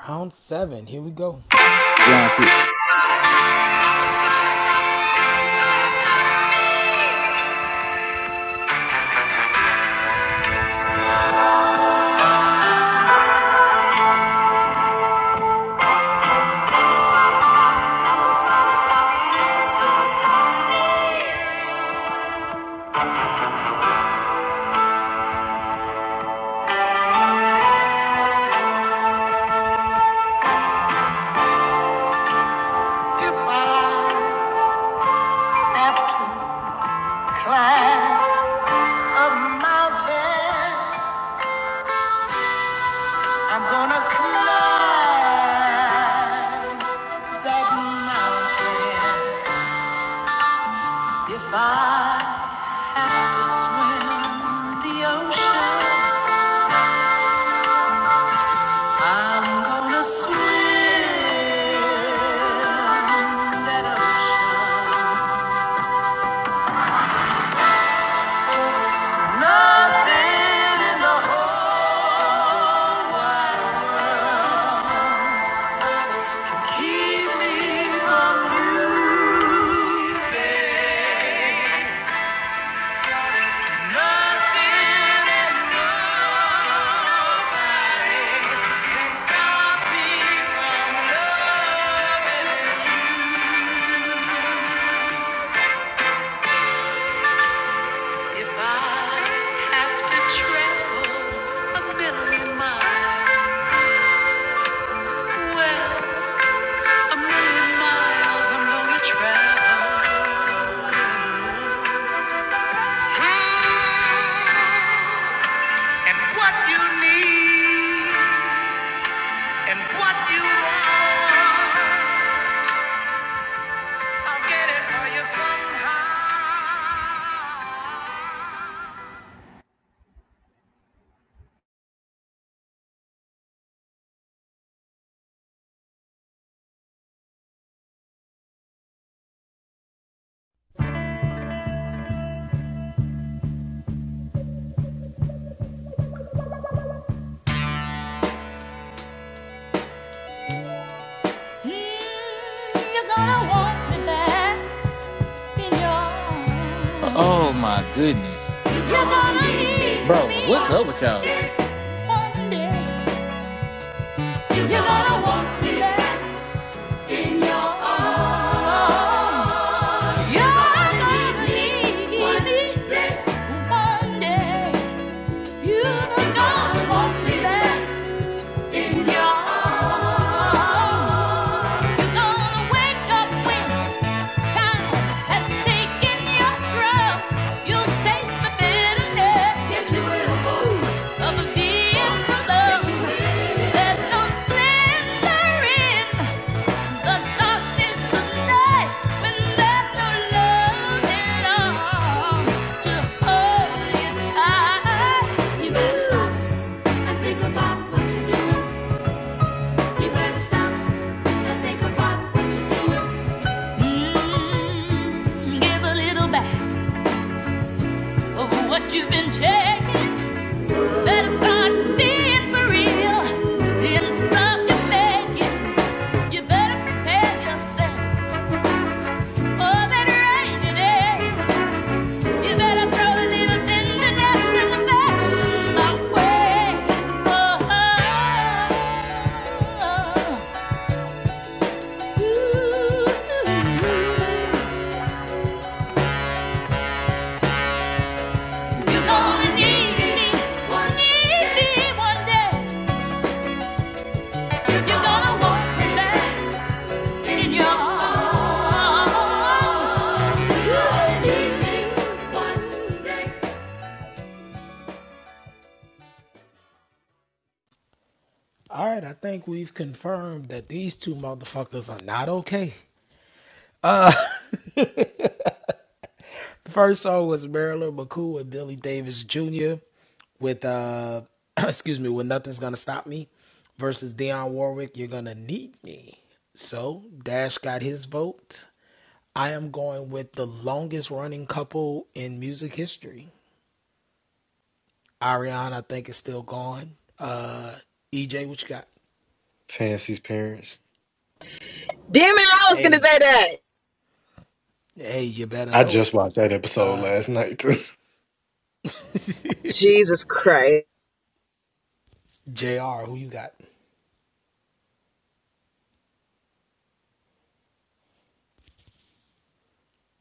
Round seven. Here we go.
Round six.
Stop, stop, stop me. If I have to climb a mountain, I'm gonna climb that mountain. If I have to swim the ocean, I'm gonna swim that ocean. Nothing in the whole world keep me from you. Nothing and nobody can stop me from loving. If I have to travel a million miles, well, a million miles I'm gonna travel. And what you need. And what i
Mm, you're gonna want me back in your arms.
Oh my goodness,
You're gonna need me
bro, what's
one
up with y'all?
day. You're gonna want me back in your arms. You're gonna need me one day. You're gonna want me back in your arms. You're gonna wake up when Time has taken your drum. You'll taste the bitterness. Yes, you will. Of being alone. There's no splendor in the darkness of night when there's no love in arms to hold you better stop and think about what you're doing. You better stop and think about what you're doing. Mm, give a little back. over what you've been taking. Better start being for real and stop your faking. You better prepare yourself. Oh, better rain it in. You better throw a little tenderness and affection my way. Oh, oh, oh. Ooh. You're gonna need me, need me one day. You're gonna want me back. in your arms
All right, I think we've confirmed that these two motherfuckers are not okay. The first song was Marilyn McCool and Billy Davis Jr. with uh, excuse me, with Nothing's Gonna Stop Me versus Dionne Warwick. You're gonna need me. So Dash got his vote. I am going with the longest running couple in music history. Ariana, I think, is still gone. Uh, EJ, what you got?
Fancy's parents.
Damn it! I was gonna
Hey,
say that.
hey, you better
I
know it.
just watched that episode
Uh,
last night.
Jesus Christ.
JR, who you got?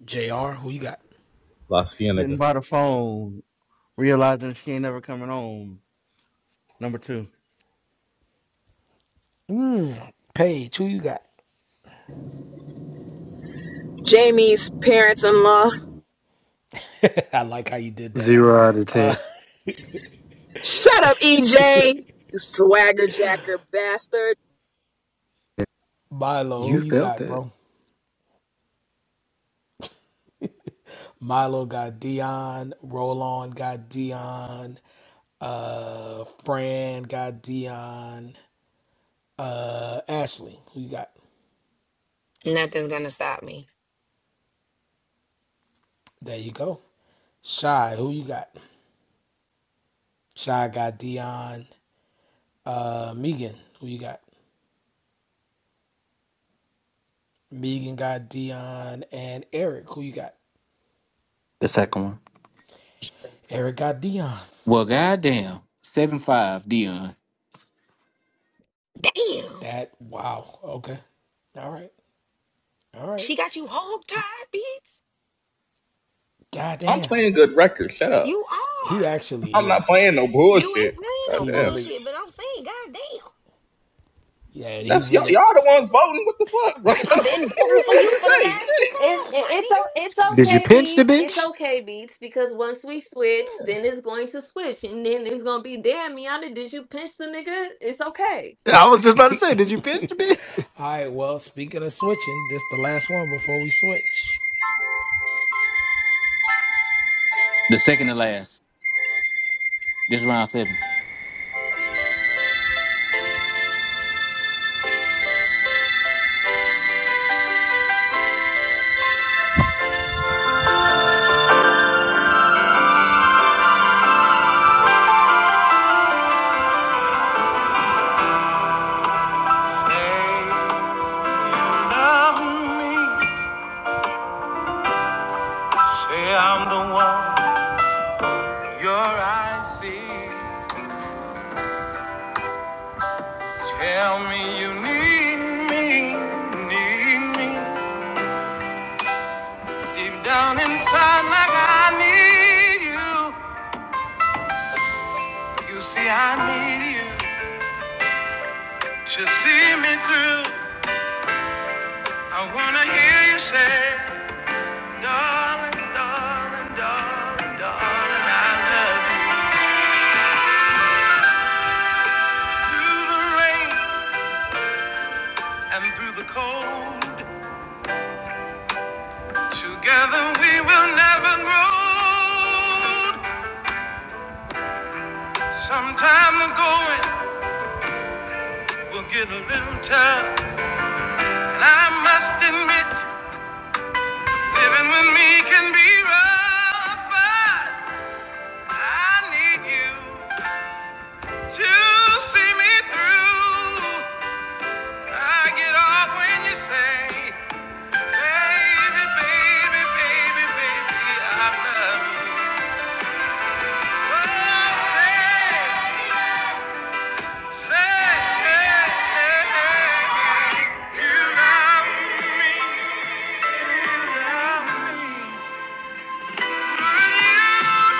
JR, who you got?
La
Sitting
Cienega.
by the phone, realizing she ain't never coming home. Number two.
Paige, who you got?
Jamie's parents in law.
I like how you did that.
Zero out of ten.
Shut up, EJ! You swagger jacker bastard.
Milo,
You
who you
felt
got,
that.
bro? Milo got Dion. Roland got Dion. Uh, Fran got Dion. Uh, Ashley, who you got?
Nothing's gonna stop me.
There you go. Shy, who you got? Shy got Dion. Uh, Megan, who you got? Megan got Dion and Eric. Who you got?
The second one.
Eric got Dion.
Well, goddamn, seven five, Dion.
Damn.
That wow. Okay. All right. All
She
right.
got you hog tied, Beats.
I'm
Goddamn.
playing good records. Shut up.
You
He
are.
I'm
actually
not
is.
playing no
You ain't
bullshit.
playing no
He
Goddamn.
really.
bullshit, but I'm saying, goddamn,
Yeah. He
That's y'all.
really.
Y'all the ones voting. What the fuck? Like,
I've
what do
been voting
you
for
want me
you
to
for the
say? Shit.
last two
It, it
rounds, my
it's o- it's
Did you
okay,
pinch the
beats. It's
bitch?
okay, beats. Because once we switch, then it's going to switch, and then it's gonna be damn Miana. Did you pinch the nigga? It's okay.
I was just about to say, did you pinch the bitch?
All right. Well, speaking of switching, this is the last one before we switch.
The second to last. This round seven.
Say, love me. Say I'm the one. Your eyes see. Tell me you need me. Need me. Deep down inside, like I need you. You see, I need you to see me through. I wanna hear you say, darling, darling, darling, darling, I love you. Through the rain and through the cold, together we will never grow old. Sometime the going will get a little tough, and I must admit, living with me can be rough. but. I need you to see me through. I get off when you say, baby, baby, baby, baby, I love you. So say, say, you love me. Would you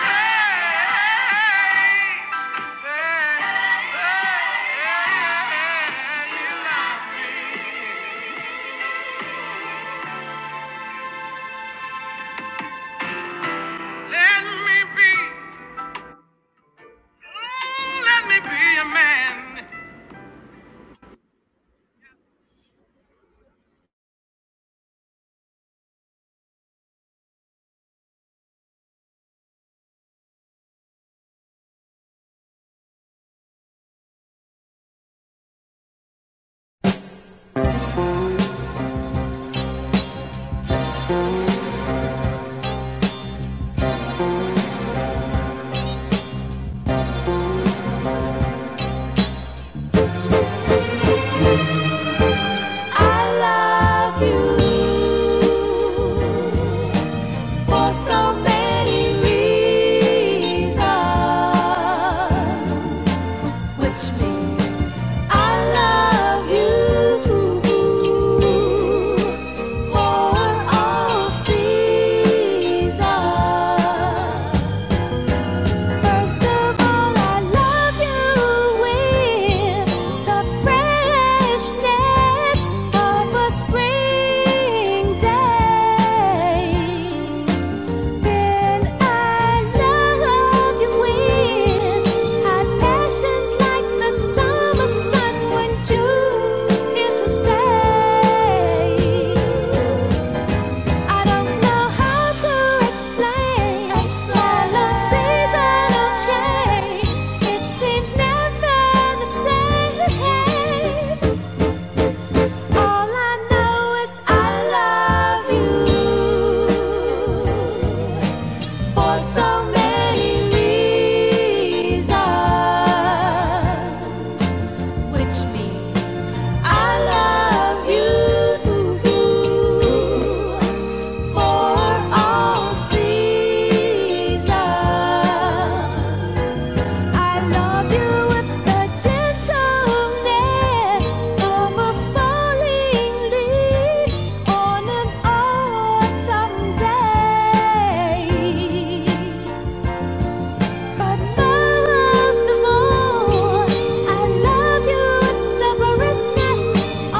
say, say, say, you Let me be. Let me be a man.
I love you for so many reasons, which means I love you for all seasons. First of all, I love you with the freshness of a spring day. Then I love you with hot passions like the summer sun when June's here to stay. I don't know how to explain. My love seasonal change. It seems never the same. All I know is I love you for so many reasons, which means I love you. For all seasons, I love you with the gentleness of a falling leaf on an autumn day. But most of all, I love you with the briskness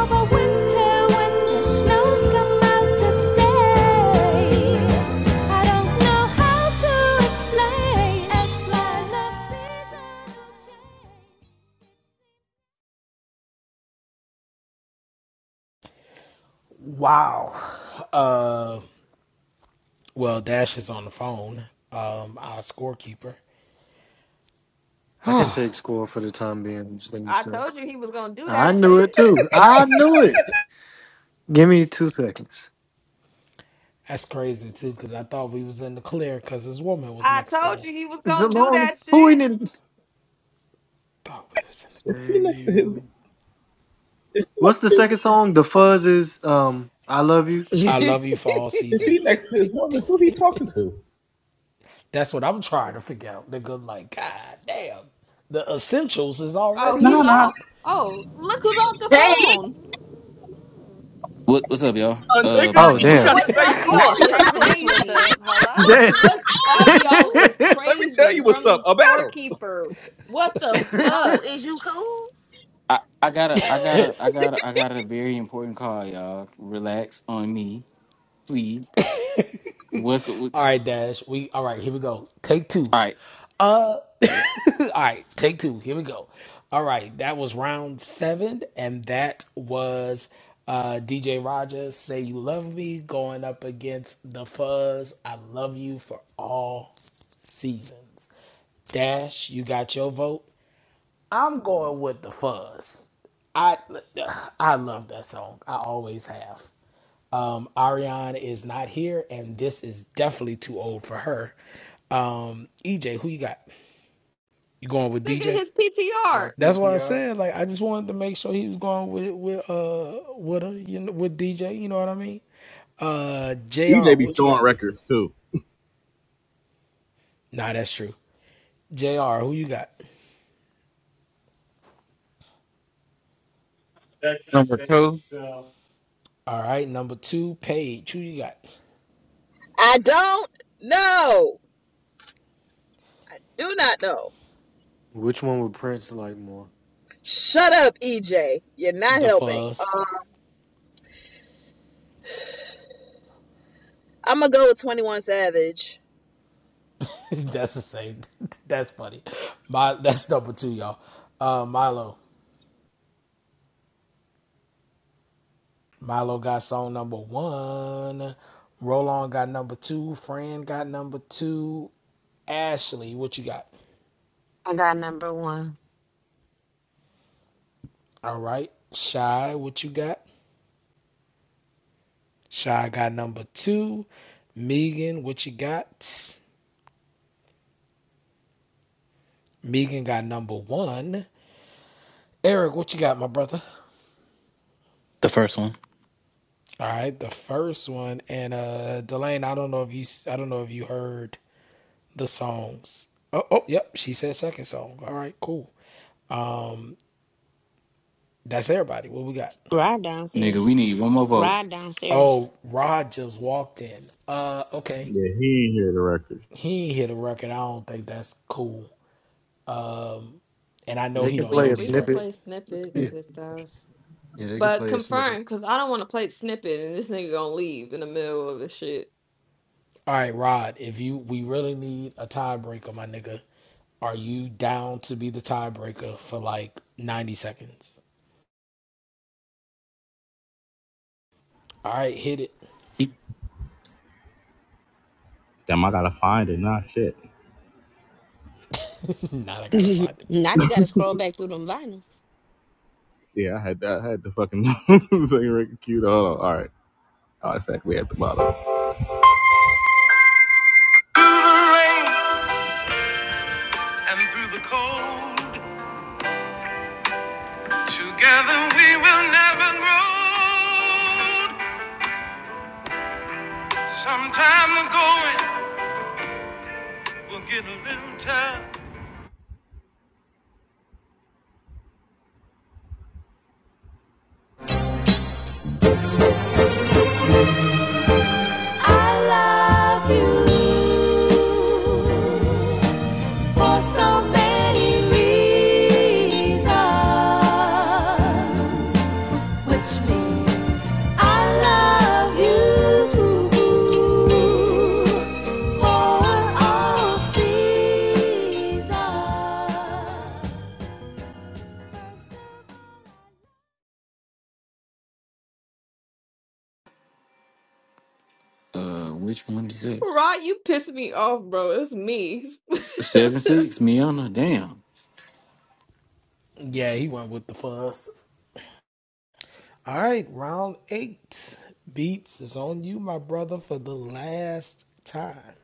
of a winter when the snows come out to stay. I don't know how to explain as my love seasonal change.
Wow. Uh. Well, Dash is on the phone. Um. Our scorekeeper.
I can take score for the time being. this thing,
I
so.
told you he was gonna do
I
that
knew it
shit.
too. I knew it. Give me two seconds.
That's crazy too, because I thought we was in the clear because his woman was
I
next to
told
him.
you he was gonna
Come
do
on.
that
Who in
shit.
it?
Thought we was in the
If he
clear.
next to
Say-
his if he next
What's the
to,
second song? The Fuzz is um I Love You.
I
nigga.
love you for all
if he
seasons.
next to his woman, who he talking to?
That's what I'm trying to figure out, nigga. Like, god damn. The essentials is
Oh,
already
he's
Nah,
here.
nah.
off. Oh, look who's off the
Hey,
phone.
What, what's up, y'all?
A
Uh, my
nigga,
Oh
bad.
you
damn.
got the
What's
big
up,
score.
Not
y'all?
you
Is
asking us what's
crazy.
up. Hello?
Damn.
What's up,
Is you cool?
y'all? Is
Let me tell
crazy
you what's
from the
up. A battle.
scorekeeper. What the
Ho,
fuck?
is you cool?
I, I gotta, I gotta, I gotta, I got a very important call, y'all. Relax on me, please. What's the, what,
All right, Dash. We all right, here we go. Take two.
all right,
Uh all right, take two. Here we go. All right, that was round seven, and that was uh DJ Rogers Say You Love Me going up against the fuzz. I love you for all seasons. Dash, you got your vote. I'm going with the fuzz. I I love that song. I always have. Um, Ariane is not here, and this is definitely too old for her. Um, EJ, who you got? You going with
Look at
DJ?
his
My
PTR.
That's why I
PTR.
said like I just wanted to make sure he was going with with uh with a, you know, with DJ. You know what I mean? Uh, Jr.
EJ be
What you
showing
got?
records too.
Nah, that's true. Jr. Who you got?
That's number two. So.
All right, number two, Paige. Who you got?
I don't know. I do not know.
Which one would Prince like more?
Shut up, EJ. You're not
The
helping.
Fuzz.
Uh, I'm gonna go with 21 Savage.
that's the same. that's funny. My that's number two, y'all. Uh, Milo. Milo got song number one. Roland got number two. Fran got number two. Ashley, what you got?
I got number one.
All right. Shy, what you got? Shy got number two. Megan, what you got? Megan got number one. Eric, what you got, my brother?
The first one.
All right, the first one, and uh, Delane, I don't know if you, I don't know if you heard the songs. Oh, oh, yep. She said second song. All right, cool. That's everybody. What we got?
Ride
nigga? We
downstairs.
need one more vote.
Ride downstairs.
Oh, Rod just walked in. Uh, okay.
Yeah, he ain't hear the records.
He ain't hit a record. I don't think that's cool. And I know
They
he
can
don't
play
We
know
a
we
these
can
snippet.
play
records.
Yeah,
snippets if that's,
yeah they can
but
play a snippet.
confirm because I don't want to play snippet and this nigga gonna leave in the middle of the shit.
All right, Rod. If you we really need a tiebreaker, my nigga. Are you down to be the tiebreaker for like ninety seconds? All right, hit it.
He,
Damn, I gotta find it. Nah, shit.
now I gotta find it.
now you gotta scroll back through them vinyls.
Yeah, I had that. I had the fucking second record queued. Hold on. All right. Oh, exactly at the bottom. And through the cold, together we will never grow. Sometime ago.
I love you for so many reasons, which I love you for all seasons.
uh, which one is this?
Rod, you pissed me off, bro. It's me.
Seven six, Miana. Damn,
Yeah, he went with the fuzz. All right, round eight. Beats is on you, my brother, for the last time.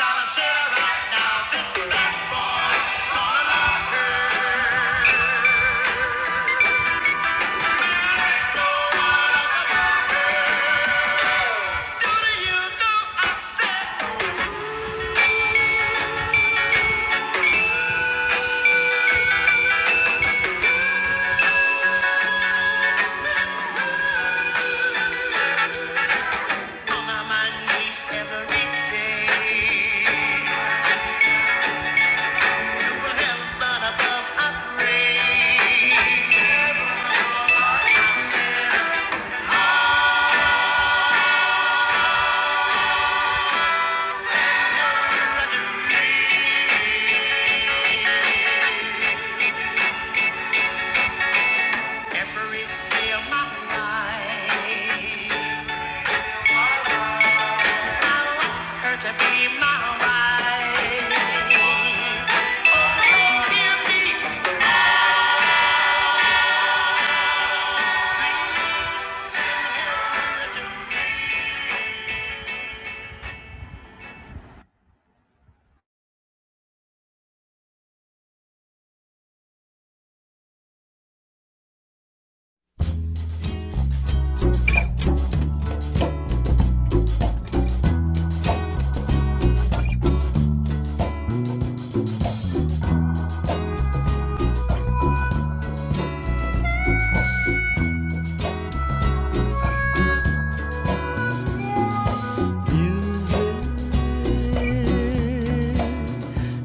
well right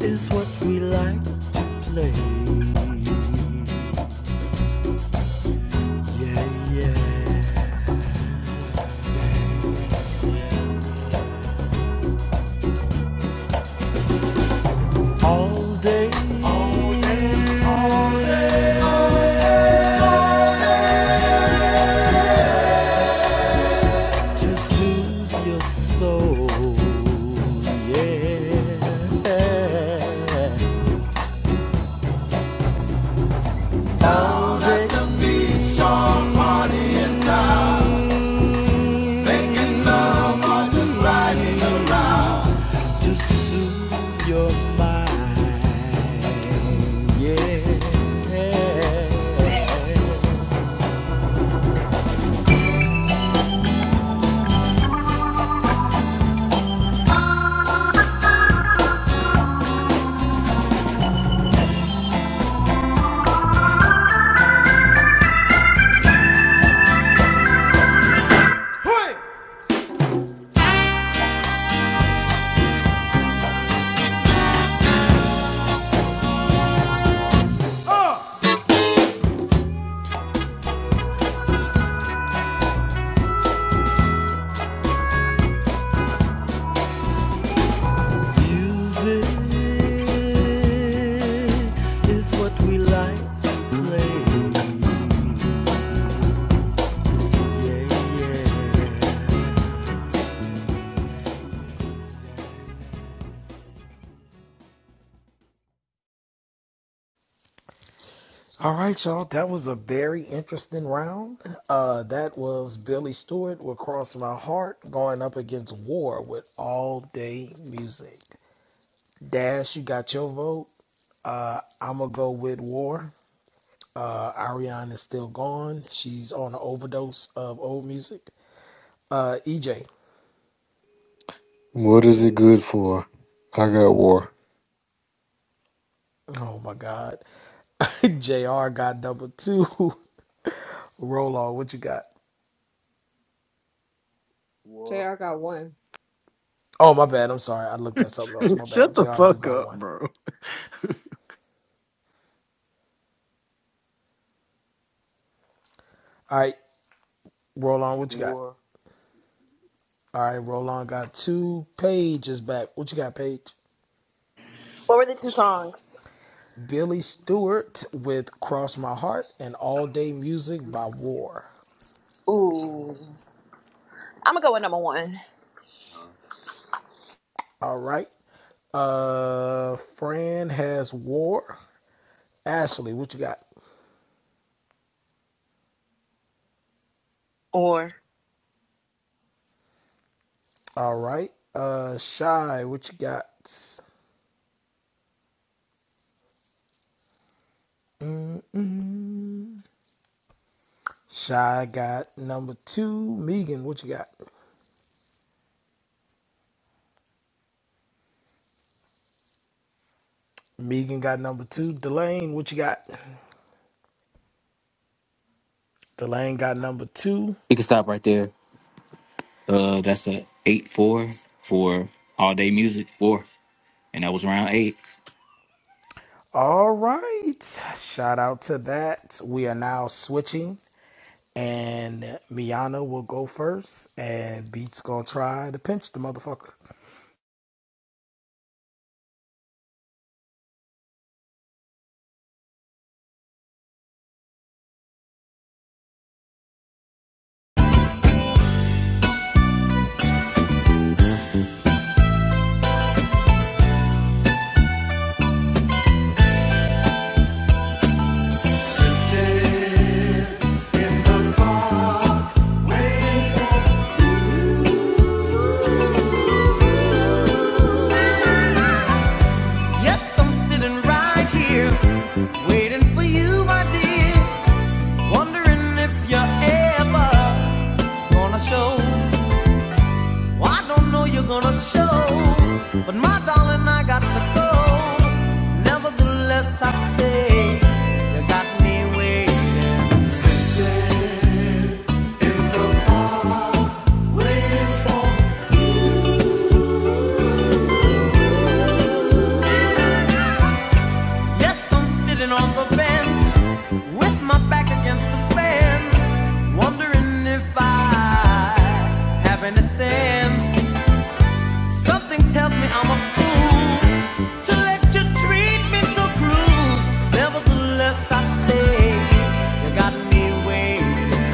is what we like to play. Yeah, yeah. All day, all day, all day. To soothe your soul. Yeah. At the beach or party. To soothe your mind. Yeah. Hey! Music is what we like to play. Yeah, yeah.
All right, y'all. That was a very interesting round. Uh, that was Billy Stewart with Cross My Heart going up against War with All Day Music. Dash, you got your vote. Uh, I'm going to go with War. Uh, Ariane is still gone. She's on an overdose of old music. Uh, EJ.
What is it good for? I got war.
Oh my God. JR got number two. Roll on. What you got?
Jay,
War,
I got one.
Oh, my bad. I'm sorry. I looked at something else. My bad.
Shut the
JR do
fuck
got
up,
one.
bro.
All right. Roll on. What you got?
war,
All right. Roll on got two. Paige is back. What you got, Paige?
What were the two songs?
Billy Stewart with Cross My Heart and All Day Music by War.
Ooh. I'm going to go with number one.
All right. Uh, Fran has War. Ashley, what you got?
Or
All right. Uh, Shy, what you got? Shy got number two. Megan, what you got? Megan got number two. Delane, what you got? Delane got number two.
we can stop right there. Uh, that's a eight four for all day music four, and that was round eight.
All right. Shout out to that. We are now switching, and Miana will go first, and Beat's gonna try to pinch the motherfucker.
Yes, I'm sitting right here, waiting for you, my dear. Wondering if you're ever gonna show. Well, I don't know you're gonna show, but my darling, I got to go. Nevertheless, I say you got me waiting. Yes, I'm sitting on the bench with my back against the fence, wondering if I have any sense. Something tells me I'm a fool to let you treat me so cruel. Nevertheless, I say you got me waiting.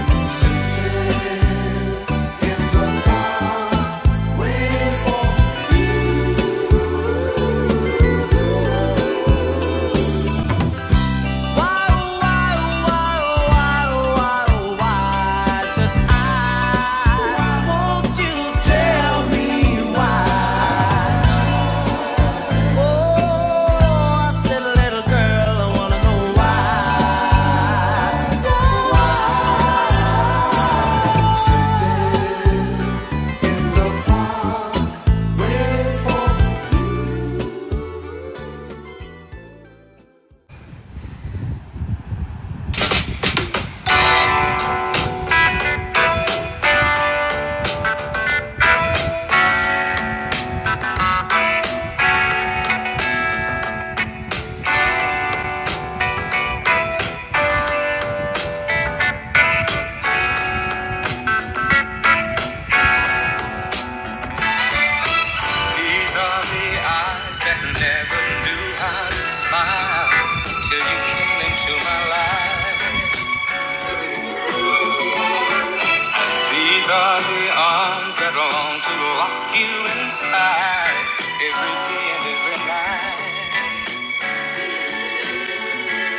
These are the eyes that never knew how to smile till you came into my life. These are the arms that long to lock you inside every day and every night.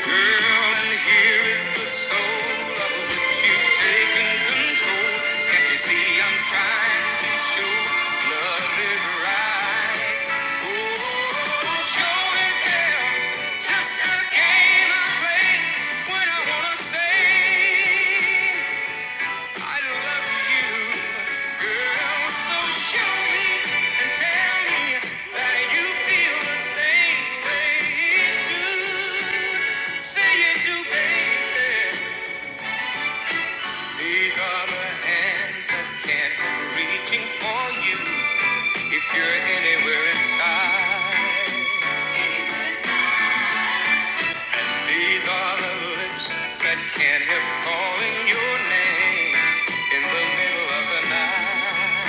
Girl, and here is the soul of which you've taken control. Can't you see I'm trying to show love is right? Oh, show and tell, just a game I play when I wanna say. I love you, girl. So show me and tell me that you feel the same way too. Say you do, baby. These are the hands that can't help reaching for you if you're anywhere inside. These are the lips that can't help calling your name in the middle of the night.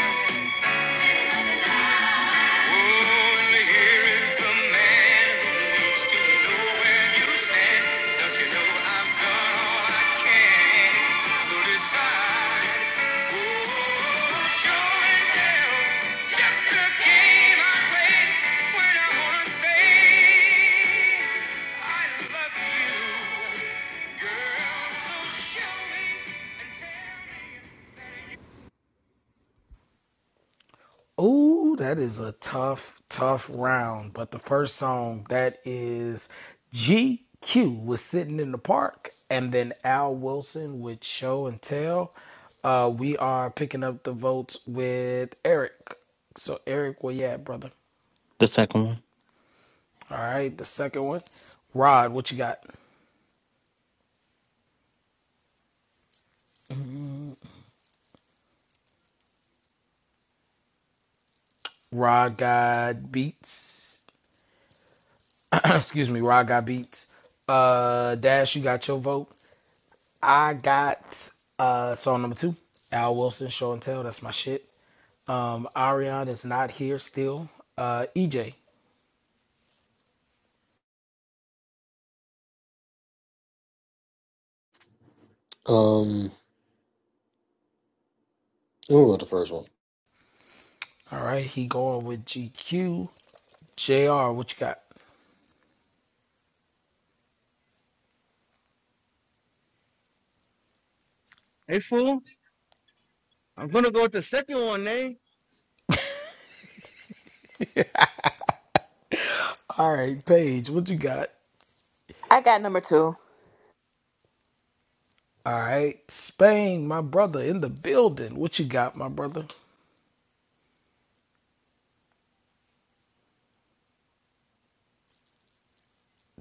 Oh, that is a tough, tough round. But the first song that is GQ was sitting in the park, and then Al Wilson with Show and Tell. Uh, we are picking up the votes with Eric. So Eric, where you at, brother?
The second one.
All right, the second one, Rod. What you got? Rod got beats. Excuse me, Rod got beats. Uh, Dash, you got your vote. I got uh song number two, Al Wilson Show and Tell. That's my shit. Um Arion is not here still. Uh EJ.
Um, we'll go with the first one.
All right, he going with GQ. JR, what you got?
Hey fool, I'm gonna go with the second one, eh?
All right, Paige, what you got?
I got number two.
All right, Spain, my brother in the building. What you got, my brother?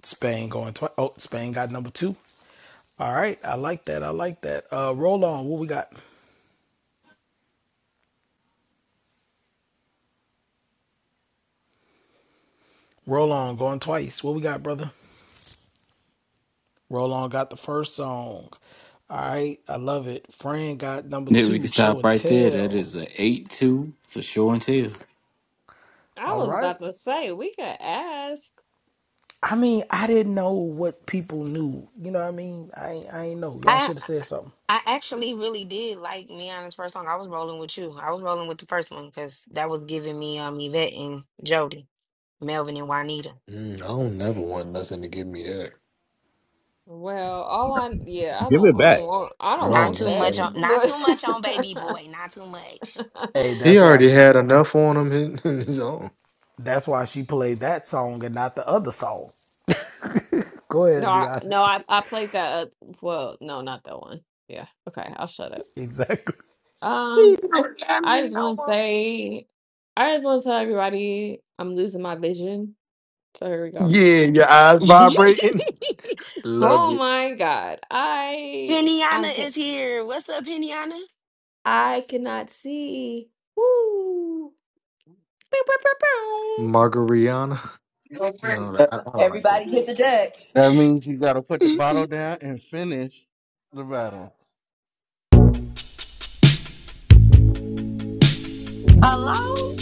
Spain going twice. Oh, Spain got number two. All right, I like that. I like that. Uh, roll on. What we got? Roll on going twice. What we got, brother? Roll on got the first song. All right, I love it. Fran got number
Nigga, we can
two, show
stop
and
right there. That
tell.
is a eight two for sure and tell.
I
All
was
right.
about to say we could ask.
I mean, I didn't know what people knew. You know what I mean? I I ain't know. Y'all
I
should have said something.
I actually really did like Miana's first song. I was rolling with you. I was rolling with the first one because that was giving me um Yvette and Jody, Melvin and Juanita.
Mm, I don't never want nothing to give me that.
Well, all I yeah, I
Give
don't I
it
don't
back.
want I
I
don't
Not
don't
want
too
want
that.
much on,
that.
not too much on Baby
But
Boy. Not too much.
Hey,
He
that's why
already
sh
had enough on him in, in his own.
that's why she played that song and not the other song. Go
No,
ahead,
I,
be honest.
no, I I played that. Uh, well, no, not that one. Yeah. Okay, I'll shut up.
Exactly.
Um, I just want to say, I just want to tell everybody I'm losing my vision. So here we go.
Yeah, your eyes vibrating. Love
Oh
it.
my God, I I
Peniana
can
is here. What's up, Peniana?
I cannot see. Woo! Pew, pew, pew, pew.
Margariana. No,
That,
I, I don't like
Everybody
that.
hit the deck.
that means you gotta put the bottle down and finish the battle.
Hello.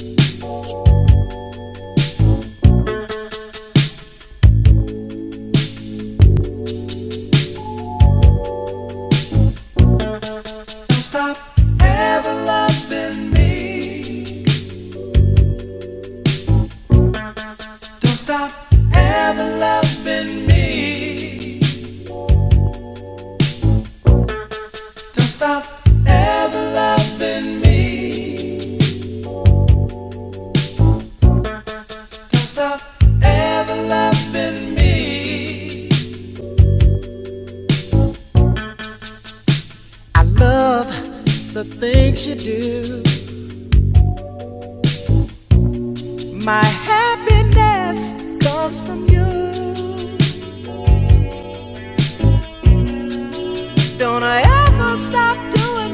Don't I ever stop doing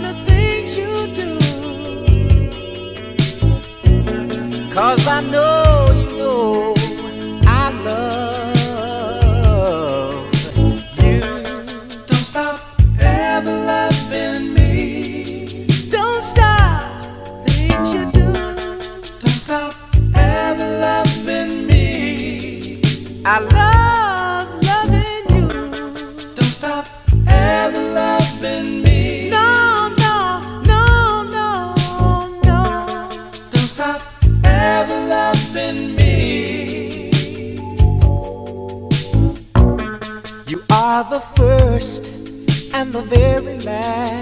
you? 'Cause I know you know I love. Ever Don't stop things you do. Don't stop ever loving me. I love loving you. Don't stop ever loving me. No, no, no, no, no. Don't stop ever loving me. You are the first and the very last.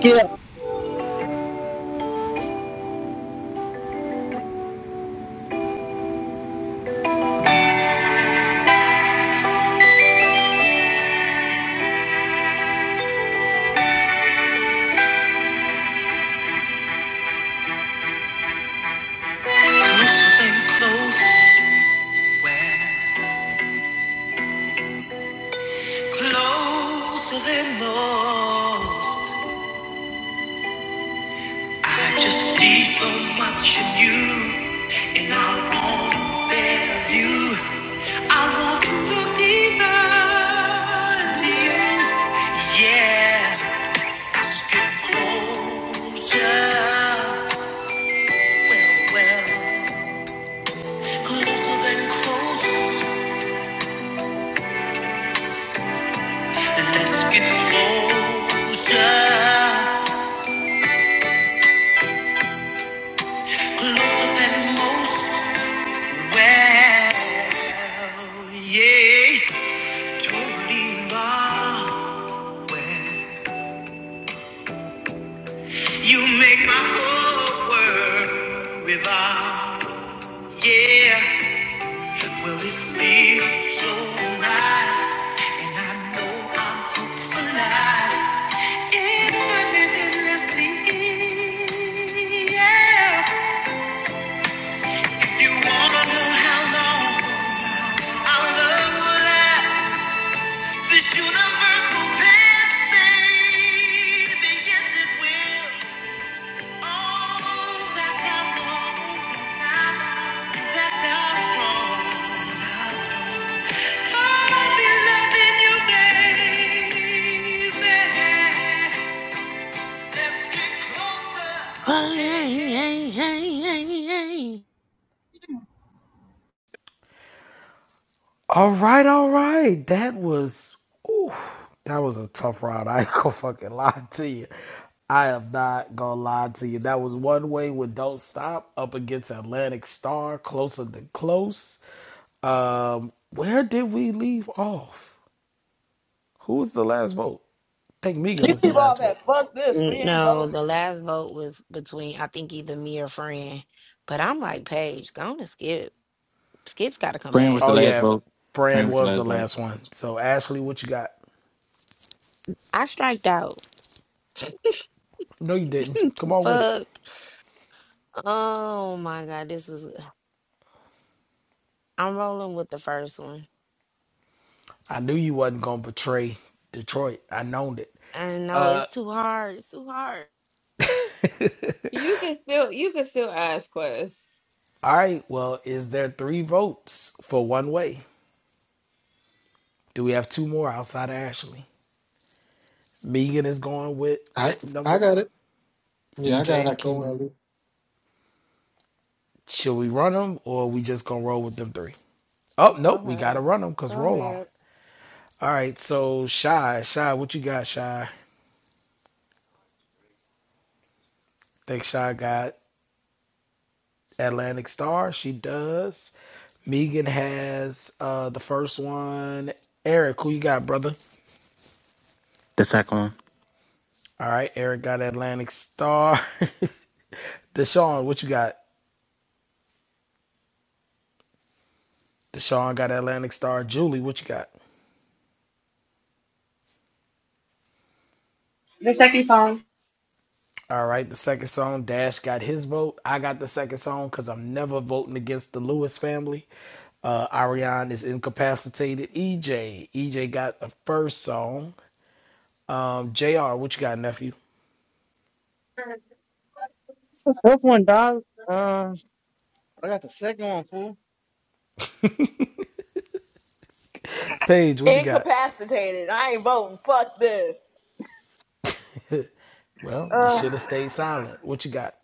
Yeah.
close, Closer than most. I just see so much in you, and I want to bear of you. I want to look deeper into you. Yeah, let's get closer. Well, well, closer than close. Let's get closer, closer than most. Well. Oh Yeah, totally involved when you make my whole world revolve. Yeah, well it feels so right, and I know I'm hooked for life. And nothing is listening. Yeah, if you wanna know how long our love will last, this universe will pass, baby. Yes, it will.
Hey, hey, hey, hey,
All right, all right. That was ooh, that was a tough round. I ain't gonna fucking lie to you. I am not gonna lie to you. That was one way with Don't Stop up against Atlantic Star, closer than close. Um, where did we leave off? Who was the last vote? I think Megan was the last vote.
Mm, No, the last vote was between I think either me or Fran, but I'm like Paige, going to skip. Skip's got to come
Fran was
back.
the
Oh
last
yeah,
vote. Fran
Fran
was the
was
last
the
vote.
last one. So Ashley, what you got?
I striked out.
No, you didn't. Come on with it.
Fuck. Oh my God, this was. I'm rolling with the first one.
I knew you wasn't gonna betray Detroit. I known it.
I know it's too hard. It's too hard.
You can still you can still ask Quest.
All right. Well, is there three votes for one way? Do we have two more outside of Ashley? Megan is going with
I
number
I
one.
got it. Yeah, I
EJ
got
is
Hakeem
going.
Ali.
Should we run them or are we just gonna roll with them three? Oh
Go
nope, we
ahead.
gotta run them because
Go
roll on.
ahead.
All right. So shy, shy, what you got, shy? I Think shy got Atlantic Star. She does. Megan has uh the first one. Eric, who you got, brother?
The second one.
All right, Eric got Atlantic Star. Deshaun, what you got? The Deshaun got Atlantic Star. Julie, what you got?
The second song.
All right, the second song, Dash got his vote. I got the second song because I'm never voting against the Lewis family. Uh, Ariane is incapacitated. EJ, EJ got the first song. Um, JR, what you got, nephew?
first one dies. Uh, I got the second one, fool.
Paige, what you got?
Incapacitated. I ain't voting. Fuck this.
Well, you should have stayed silent. What you got?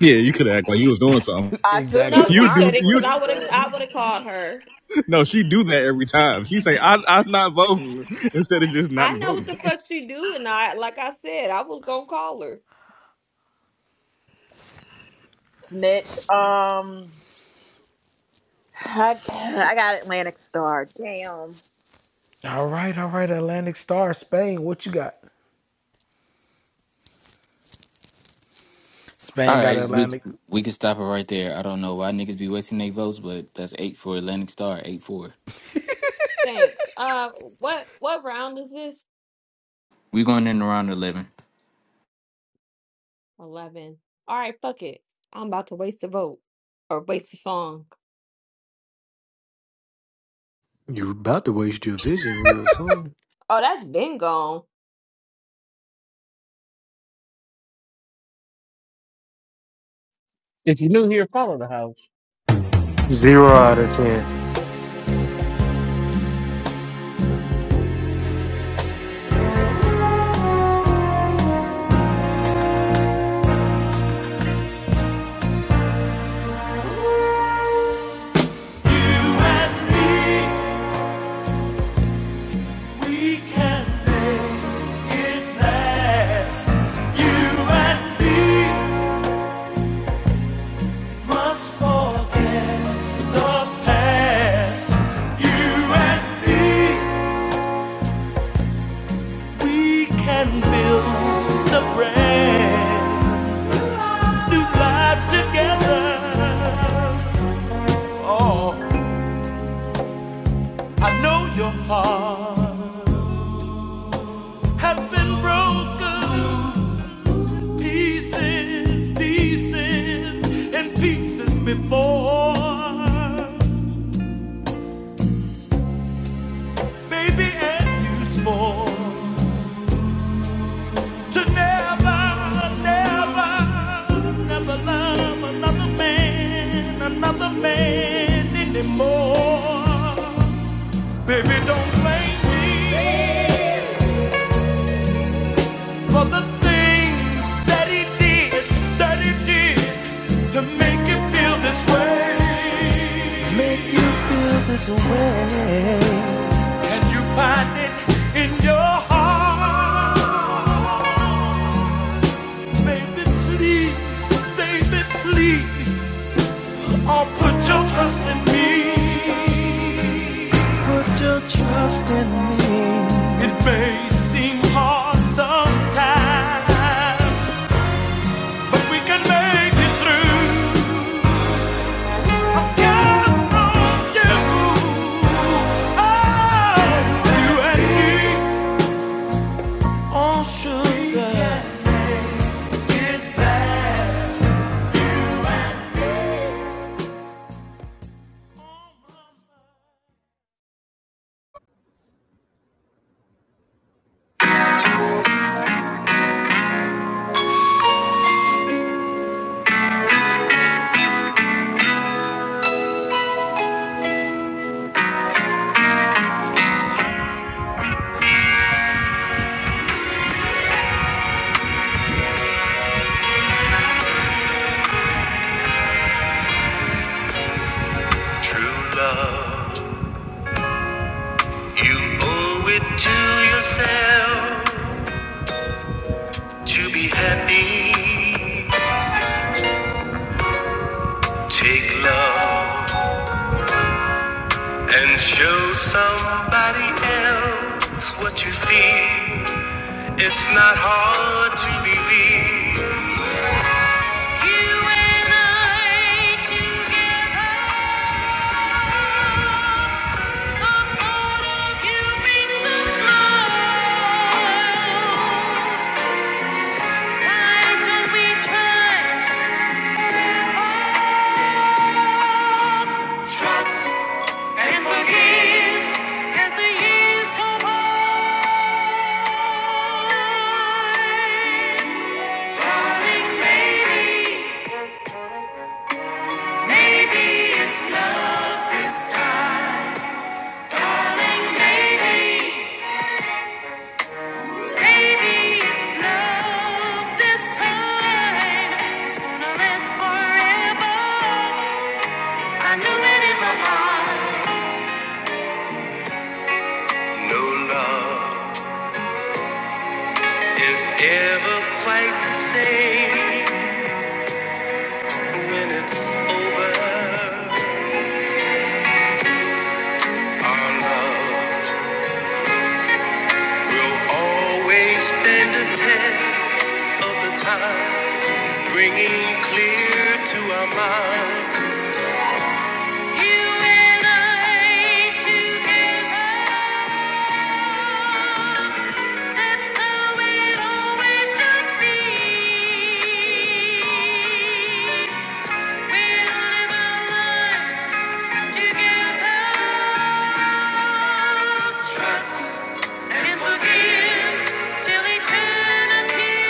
Yeah, you could act like you was doing something.
No,
exactly.
You
she
do
couldn't,
you
because I would have I would have called her.
no, she do that every time. She say, I I'm not voting instead of just not
I know what
voting.
the fuck she do, and I like I said, I was gonna call her.
Snitch. Um, I, I got Atlantic Star. Damn.
All right, all right, Atlantic Star, Spain, what you got? Spain
All
got
right, we
Atlantic
we can stop it right there. I don't know why niggas be wasting their votes, but that's eight for Atlantic Star, eight four.
Thanks. Uh, what what round is this?
We going in around eleven.
Eleven. All right, fuck it. I'm about to waste a vote or waste a song.
You about to waste your vision real soon.
Oh, that's been gone.
If you're new here, follow the house.
Zero out of ten.
You and me. We can make it last. You and me must forget the past. You and me, we can build a brand new life together. Oh, I know your heart has been broken. Pieces, pieces, and pieces before. Baby, and useful to never, never, never love another man, another man anymore. Baby, don't blame me for the things that he did, that he did to make you feel this way. And you find it in your heart. Baby, please, baby, please. Oh, put your trust in me. Put your trust in me. It may seem hard sometimes, but we can make it through. Count on you. Oh, you and me. Oh, sugar.
True love, you owe it to yourself to be happy. Take love and show somebody else what you feel. It's not hard to believe. You and I together, the thought of you brings a smile. Why don't we try? Trust and forgive as the years go by. Darling, maybe, maybe it's love this time. Darling, maybe, maybe it's love this time. It's gonna last forever. I knew it in my mind. No love is ever quite the same when it's over. Our love will always stand the test of the time, bringing clear to our mind. And I together, that's how it always should be. We'll live our lives Together, trust and forgive till eternity.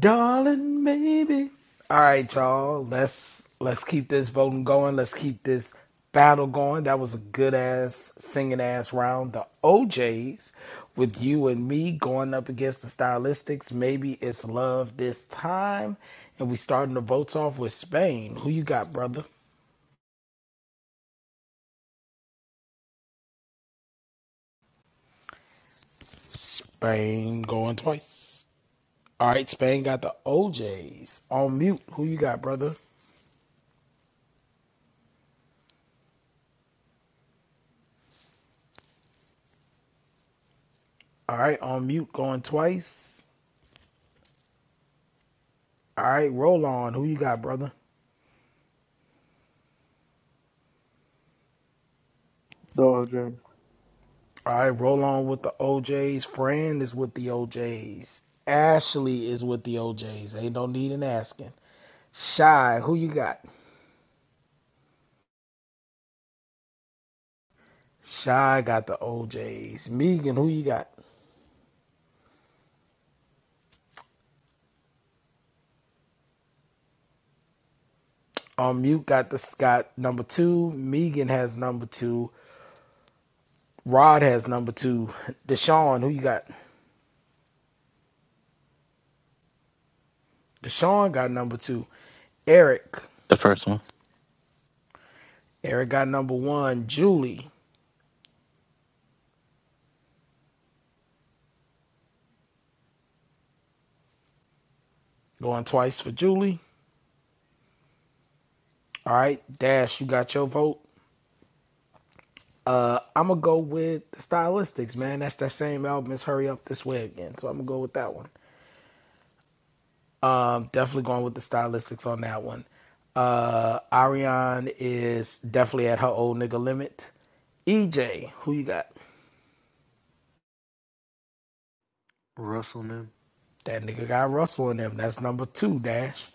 darling maybe all right y'all let's let's keep this voting going let's keep this battle going that was a good ass singing ass round the oj's with you and me going up against the stylistics maybe it's love this time and we starting the votes off with spain who you got brother spain going twice all right spain got the oj's on mute who you got brother all right on mute going twice All right, roll on. Who you got, brother?
Dog drinks.
All right, roll on with the OJs. Fran is with the OJs. Ashley is with the OJs. Ain't no need in asking. Shy, who you got? Shy got the OJs. Megan, who you got? On mute got the got number two. Megan has number two. Rod has number two. Deshaun, who you got? Deshaun got number two. Eric,
The first one.
Eric got number one. Julie, going twice for Julie. All right, Dash, you got your vote. Uh, I'm gonna go with the Stylistics, man. That's that same album. It's Hurry Up This Way Again. So I'm gonna go with that one. Um, definitely going with the Stylistics on that one. Uh, Ariane is definitely at her old nigga limit. EJ, who you got?
Russell and
That nigga got Russell in him. That's number two, Dash.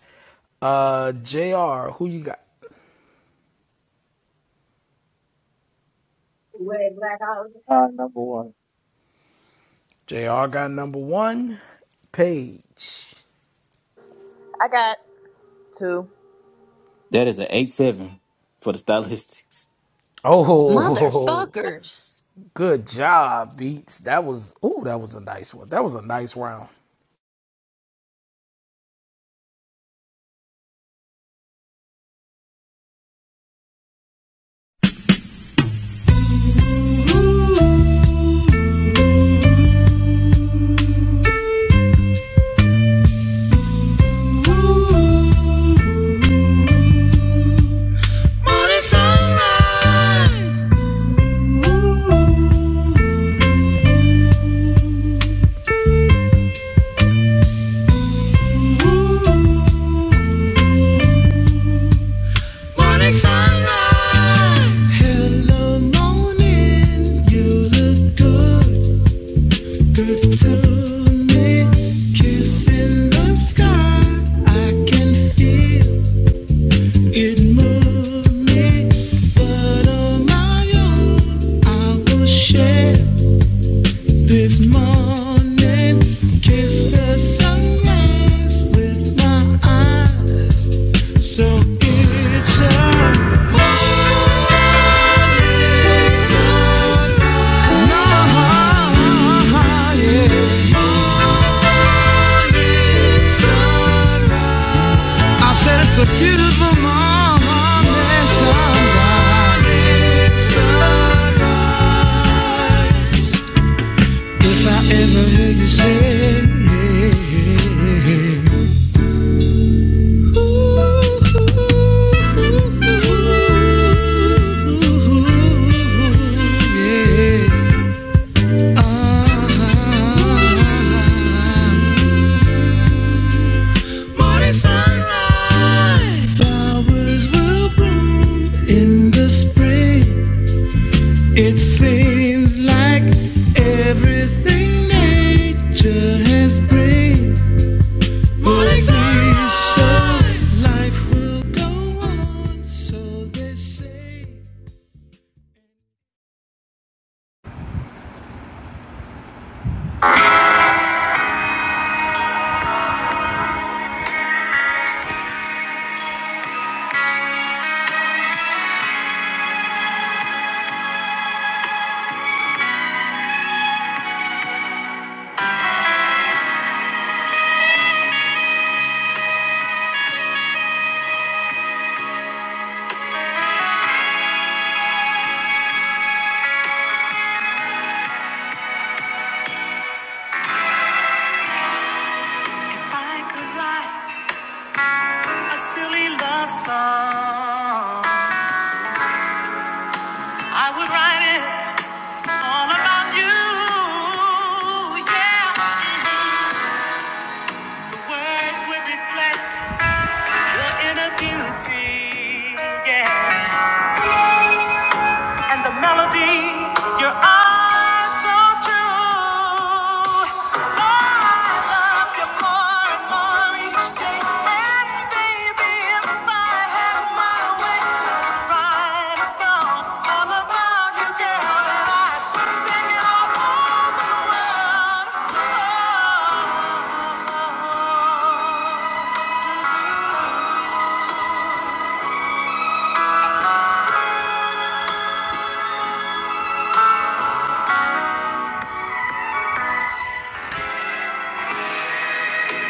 Uh, JR, who you got?
Red, black, Uh, number one.
JR got number one. Page.
I got. Two.
That is an eight seven for the stylistics.
Oh,
Motherfuckers.
Good job, Beats. That was ooh, that was a nice one. That was a nice round.
Kiss the my will this morning. morning sunrise sunrise. with my eyes, so it's a morning sunrise. flowers will In the spring, it seems like Everything nature has bring us is so life will go on.
If I could write a silly love song, I would write it all about you. Yeah, the words would reflect your inner beauty. Yeah. and the melody. Your eyes so true. Oh, I love you more and more each day. And baby, if I had my way, I would write a song all about you, girl, and I'd sing it all over the world.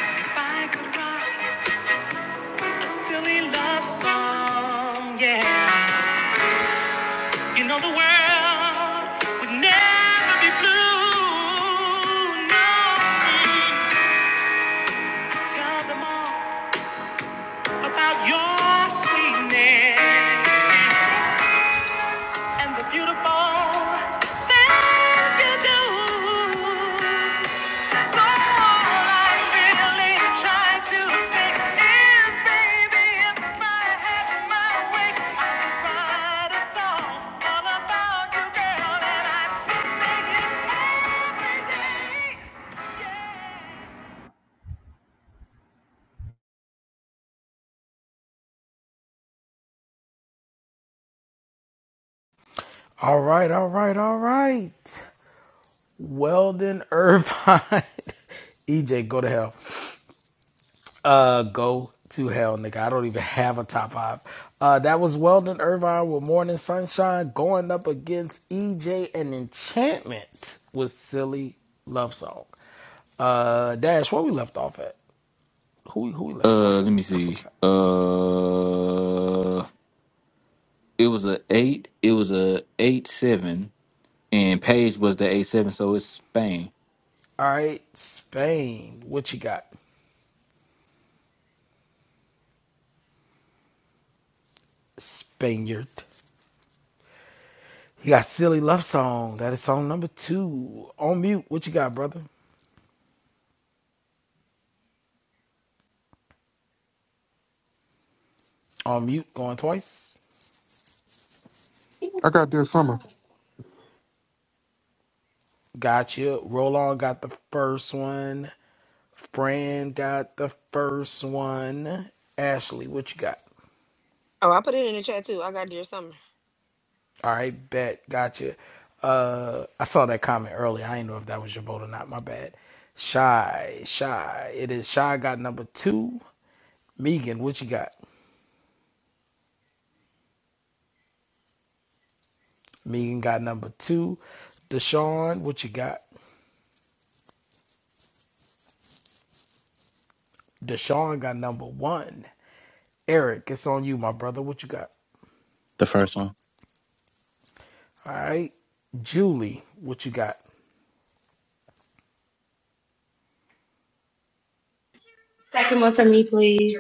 Oh, if I could write a silly love song, yeah. You know the world would never be blue. No, tell them all about your sweetness. and the beautiful things you do. So all I really try to say is, baby, if I had my way, I could write a song all about you, girl, and I'd still sing it every day.
All right, all right, all right. Weldon Irvine. EJ, go to hell. Uh go to hell, nigga. I don't even have a top five. Uh that was Weldon Irvine with Morning Sunshine going up against EJ and Enchantment with Silly Love Song. Uh Dash, where we left off at? Who who we left
Uh,
off
let
at?
me
I
see.
forgot.
Uh, it was a eight. It was a eight seven, and Paige was the eight seven, so it's Spain.
All right, Spain. What you got? Spaniard. he got Silly Love Song. That is song number two. On mute. What you got, brother? On mute. Going twice.
I got this summer.
Gotcha. Roll on got the first one. Fran got the first one. Ashley, what you got?
Oh, I put it in the chat too. I got your summer.
All right, bet. Gotcha. Uh, I saw that comment earlier. I didn't know if that was your vote or not. My bad. Shy, shy. It is shy. Got number two. Megan, what you got? Megan got number two. Deshaun, what you got? Deshaun got number one. Eric, it's on you, my brother. What you got?
The first one.
All right. Julie, what you got?
Second one for me, please.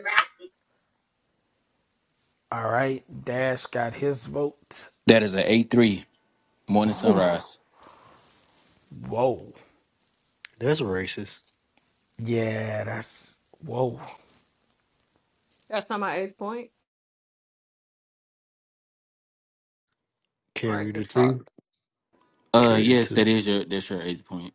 All right. Dash got his vote.
That is an eight three. Morning sunrise.
Whoa.
That's racist.
Yeah, that's whoa.
That's not my age point. All right,
Carry the
good
three.
talk.
Uh,
Carry the
yes, that
two.
is your that's your eighth point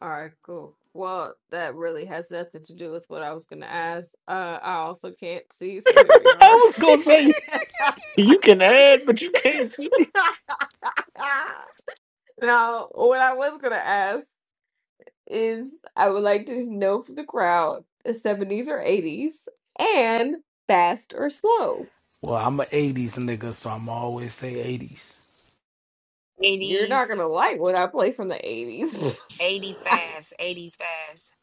All right, cool. Well, that really has nothing to do with what I was gonna ask. Uh, I also can't see, so here we are.
I was gonna say you can add, but you can't see.
no, what I was gonna ask. is I would like to know for the crowd the 70s or 80s and fast or slow.
Well, I'm a 80s nigga, so I'm always say 80s.
You're
80s,
not going to like what I play from the 80s.
80s fast, 80s fast.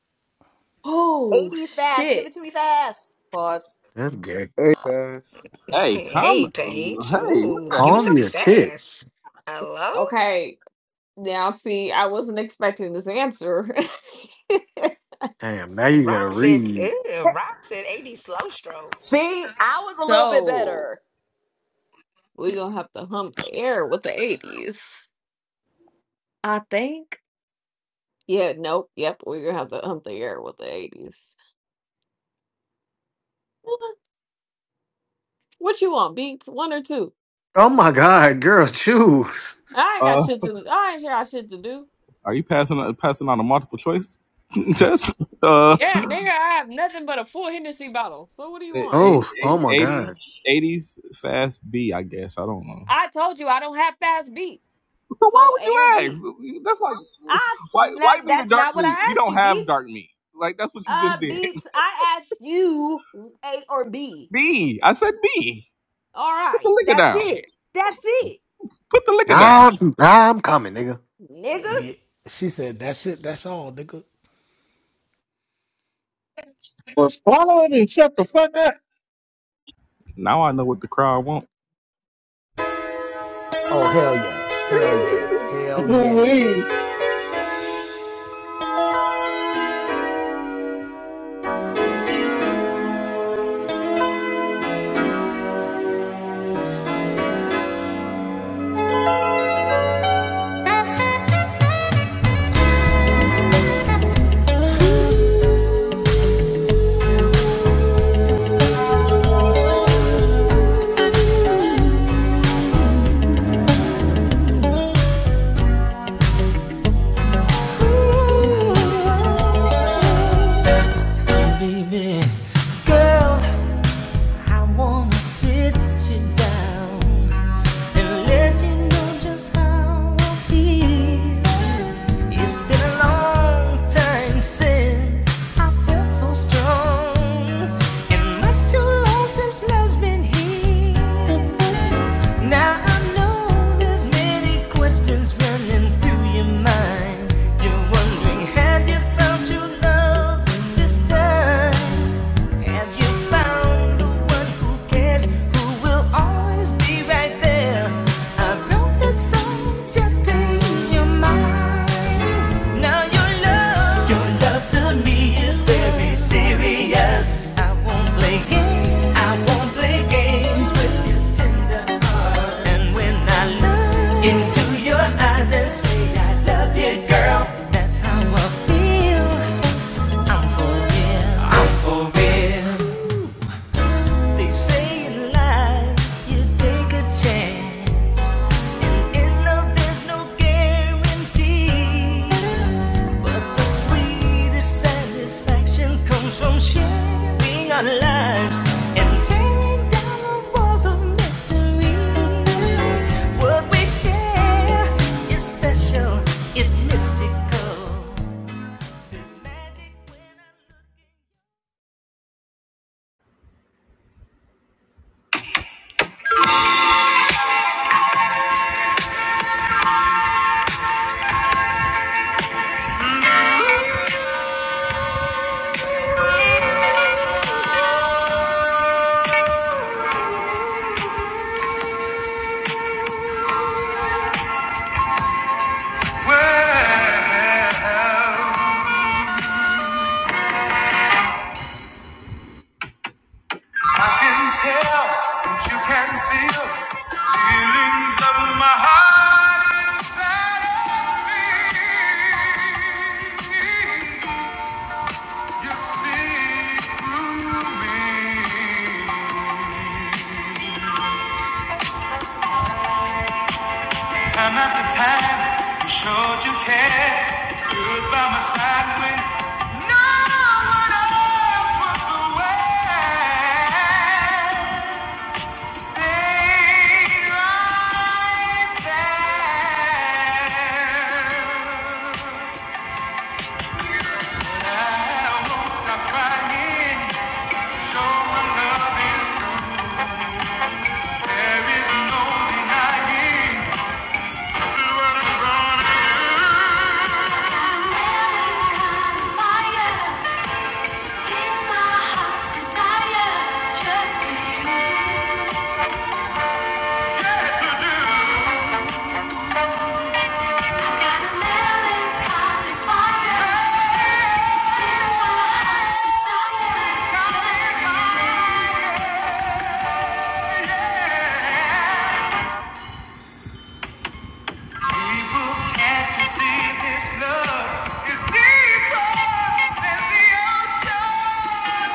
oh,
80s fast. Give it
shit.
to me fast. Pause.
That's gay.
Hey guys,
Hey, come!
hey, Paige.
Hey, what
Ooh,
the
give it
Call
to
hell?
me
me
a
fast.
tits.
Hello?
Okay. Now, see, I wasn't expecting this answer.
Damn, now you
Rob
gotta
said,
read.
ew, Rob said 80 slow stroke.
See, I was a little bit
so
better.
we're going to have to hump the air with the 80s. I think. Yeah, nope. Yep. We're going to have to hump the air with the 80s. What you want, beats? One or two?
Oh my god, girl, choose.
I ain't got
Uh,
shit to do. I ain't got shit to do.
are you passing passing on a multiple choice test? Uh,
Yeah, nigga, I have nothing but a full Hennessy bottle. So what do you want?
Oh, oh
80,
my god.
80s fast B, I guess. I don't know.
I told you I don't have fast beat.
So why
So
would
A
you
or
ask?
B.
That's like
I
white
that
white meat or
that's
dark
not what I
meat. We
asked
don't
you,
have
Beats,
dark meat. Like that's what you
Uh
just did.
beats. I asked you A or B.
B. I said B.
All
Put the
right.
liquor
That's
down.
it. That's it.
Put the liquor down.
Nah, I'm, nah, I'm coming, nigga.
Nigga.
Me, She said, that's it. That's all, nigga.
Well, swallow it and shut the fuck up.
Now I know what the crowd wants.
Oh, hell yeah. Hell yeah. Hell yeah.
Ooh-wee.
Too long since love's been here. Now I know there's many questions running through your mind. You're wondering, have you found your love this time? Have you found the one who cares, who will always be right there? I wrote that song just to ease your mind. Now your love, your love to me is very serious. I won't play games, I won't play games with. And when I look into your eyes and say I love you, girl, that's how I feel. I'm for real, I'm for real. They say in life you take a chance, and in love there's no guarantees. The sweetest satisfaction comes from sharing our lives and tearing down the walls of mystery. What we share is special, it's mystical. There's magic when I look.
Well, I can tell that you can feel the feelings of my heart inside of me. You see through me. Time after time, you showed you care. Stood by my side when no one else was aware. Stop trying, show my love is there is no denying. There is Fire in my heart, desire just keep. I got a melancholy fire. People can't you see this love is deeper than the ocean?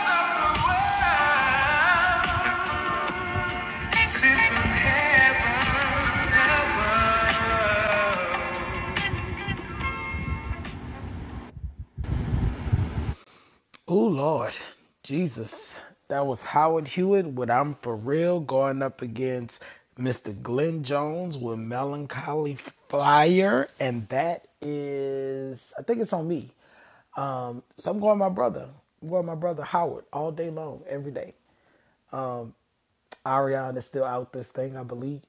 Oh Lord, Jesus. That was Howard Hewitt with I'm For Real going up against Mr. Glenn Jones with Melancholy Flyer. And that is, I think it's on me. Um, so I'm going with my brother. I'm going with my brother Howard all day long, every day. Um, Ariana is still out this thing, I believe.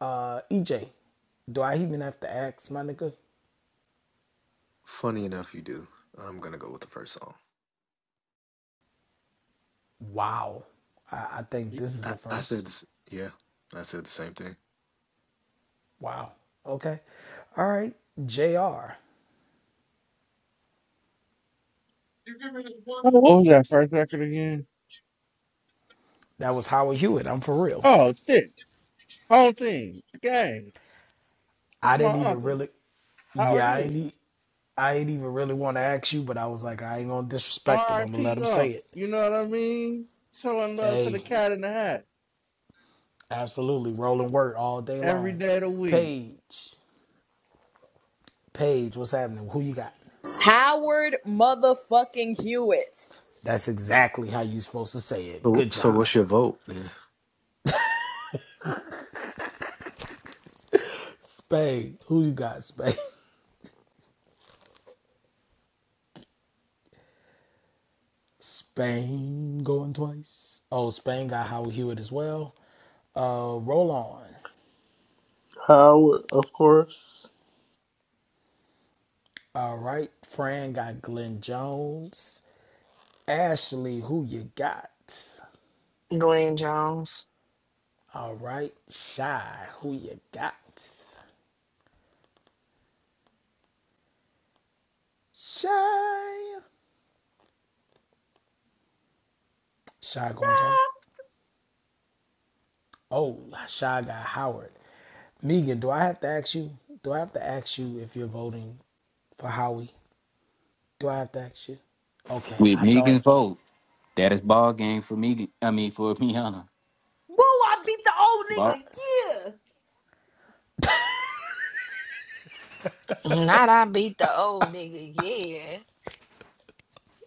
Uh, EJ, do I even have to ask, my nigga?
Funny enough, you do. I'm gonna go with the first song.
Wow. I, I think
Y-
this is a
I, I said
first.
this. Yeah, I said the same thing.
Wow. Okay. All right. JR.
Oh, What was that first record again?
That was Howard Hewitt. I'm for real.
Oh, shit. Whole thing. Gang. That's
I
my
didn't even
uncle.
really,
Howard
yeah, I ain't,
Hewitt.
e- I ain't even really want to ask you, but I was like, I ain't gonna disrespect him. I'm gonna let
R.I.P.
him say
Unc.
it.
You know what I mean? Showing love to
Hey,
the cat in the hat
absolutely, rolling word all day
every
long.
day of the week.
Paige, Paige, what's happening? Who you got?
Howard motherfucking Hewitt.
That's exactly how you supposed to say it.
So,
Good
so
job,
what's your vote? man?
Spain. Who you got, Spain? Spain going twice. Oh, Spain got Howard Hewitt as well. Uh, roll on.
Howard, of course.
All right, Fran got Glenn Jones. Ashley, who you got?
Glenn Jones.
All right, Shy, who you got? Shy. Shy going twice. Oh, Shy got Howard. Megan, do I have to ask you? Do I have to ask you if you're voting for Howie? Do I have to ask you? Okay,
with
I thought
Megan
it.
Fold. That is ball game for Megan. I mean for Miana.
Woo, I beat the old
Ball.
nigga. Yeah.
Not I beat the old nigga,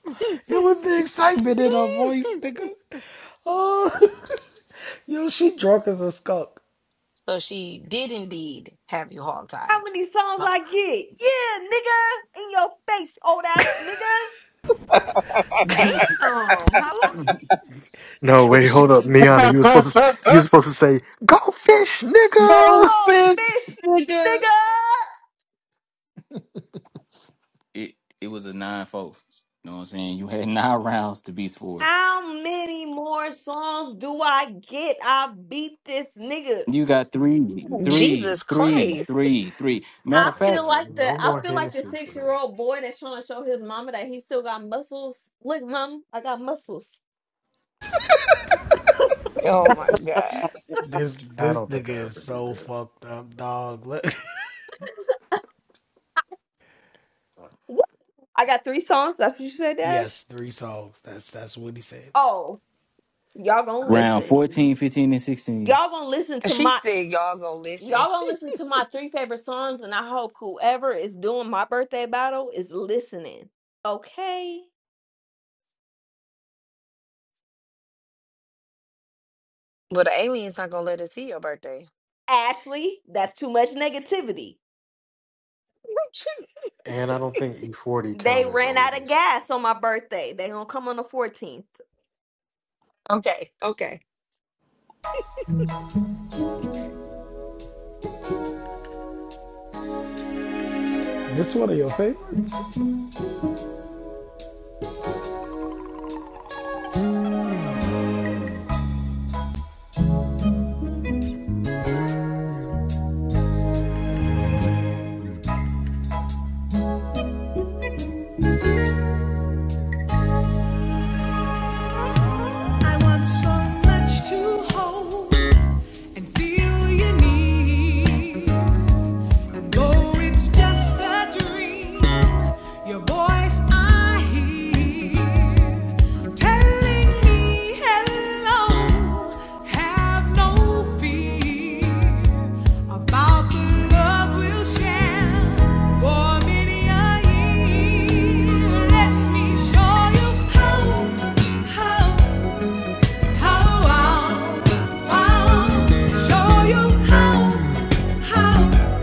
yeah.
It was the excitement in her voice, nigga. Oh, yo, she drunk as a skunk.
So she did indeed have you
How
hogtied.
many songs
Fuck.
I get? Yeah, nigga. In your face, old ass nigga.
Damn, hello.
No,
Yo,
wait, hold
she,
up, Miana. You were supposed to. You were supposed to say, "Go fish, nigga."
Those
Go
fish
fish,
nigga.
nigga.
It it was a nine four. You know what I'm saying? You had nine rounds to be scored.
How many more songs do I get? I beat this nigga.
You got three,
Ooh,
three,
Jesus
three,
Christ.
three, three.
Oh
Matter
I
of
my
fact,
feel
god,
like the
no
I
more
feel like the
Hennessy for
six
me.
year old boy that's trying to show his mama that he still got muscles. Look, mom, I got muscles.
Oh my God.
This
I
this
don't
nigga
think I
is
ever did
so
that.
fucked up, dog. Look-
Woo! I got three songs. That's what you said, Dash.
yes, three songs. That's that's what he said.
Oh, y'all gonna
round
listen.
fourteen, fifteen, and 16.
Y'all gonna listen to
She
my
said y'all gonna listen.
y'all gonna listen to my three favorite songs, and I hope whoever is doing my birthday battle is listening. Okay,
But the alien's not gonna let us see your birthday.
Ashley, that's too much negativity.
And I don't think E40
They
count as
ran out of
oldies.
gas on my birthday. They gonna come on the 14th.
okay, okay.
This one of your favorites?
at you. I want so much to hold. and feel you need. And though it's just a dream, your voice I hear telling me hello. Have no fear about the love we'll share for many a year. Let me show you how, how, how, how, how. Show you how love.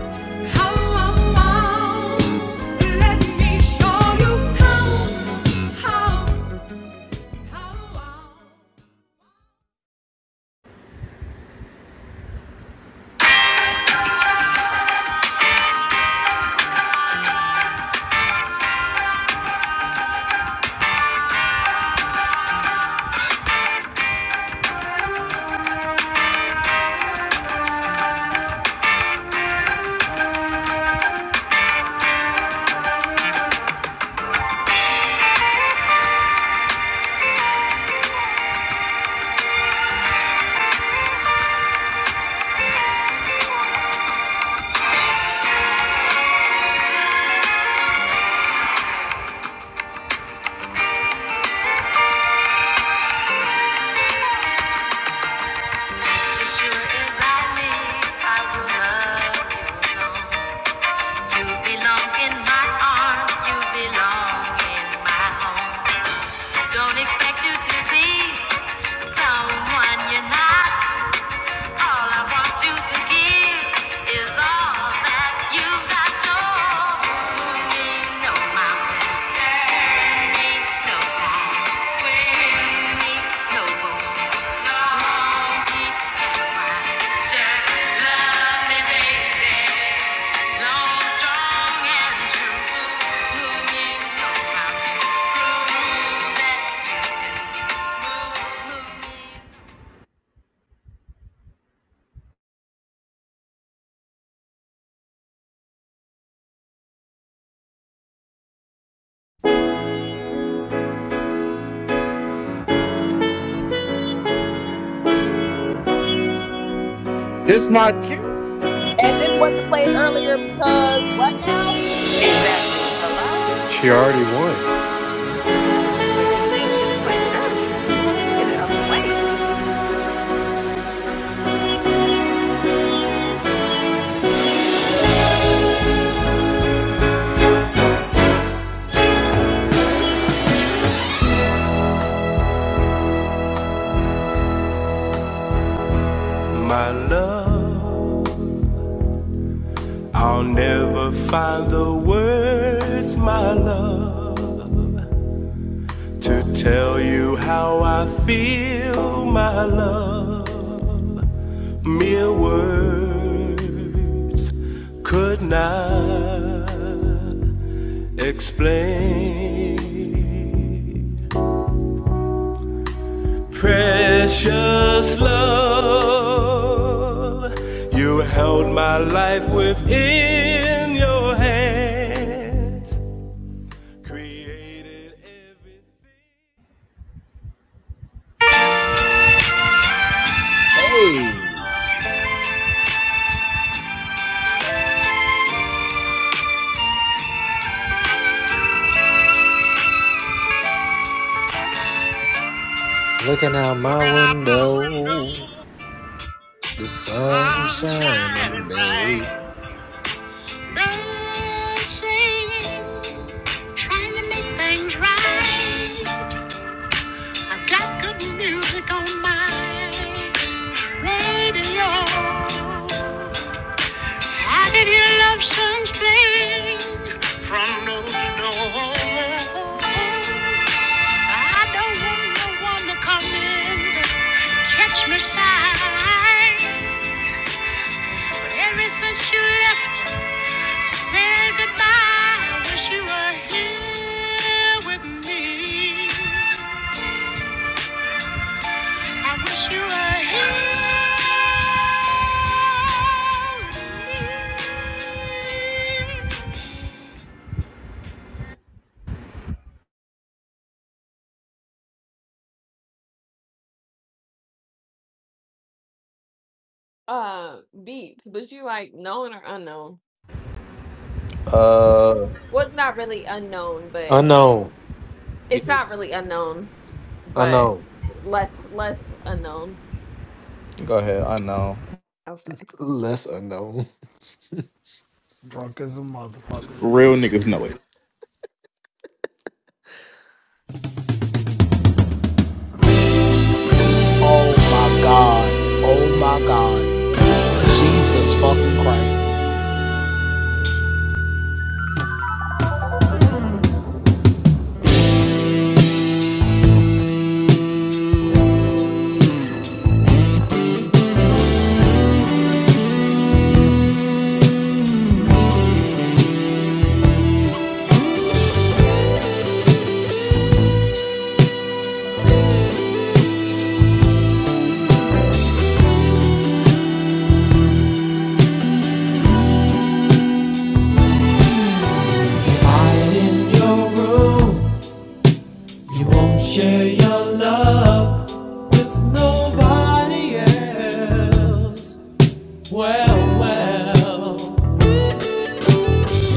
As sure as I live, I will love you alone. You belong in my arms, you belong in my home. Don't expect you to be someone you're not. All I want you to give is all that you've got. So ain't no mountain, ain't no tide, swim, ain't no ocean. Long, strong, and true.
It's my kid.
And this wasn't played earlier because what now?
Exactly. Hello?
She already won.
But she still should have played it earlier. Ooh, get it out the way.
I'll never to tell. I feel my love. Mere word could not explain. Precious love, you held my life within your hands. Created every.
Hey, looking out my
Looking out my window,
window, the sun
sun
shining,
shining
baby.
bright. Birds trying to make things right. I've got good music on my radio. I can hear love songs playing. Oh, I don't want no one to come in to catch me side. But ever since you left, said goodbye. I wish you were here with me. I wish you were here.
Uh, beats, but you like known or unknown? Well, it's not really unknown, but
Unknown,
Yeah,
it's not really unknown, but
unknown,
less less unknown.
Go ahead. I know.
Okay.
less unknown.
Drunk as a motherfucker.
Real niggas know it.
Oh my god. Oh my god. Jesus fucking Christ.
hide in your room? You won't share your love with nobody else. Well, well,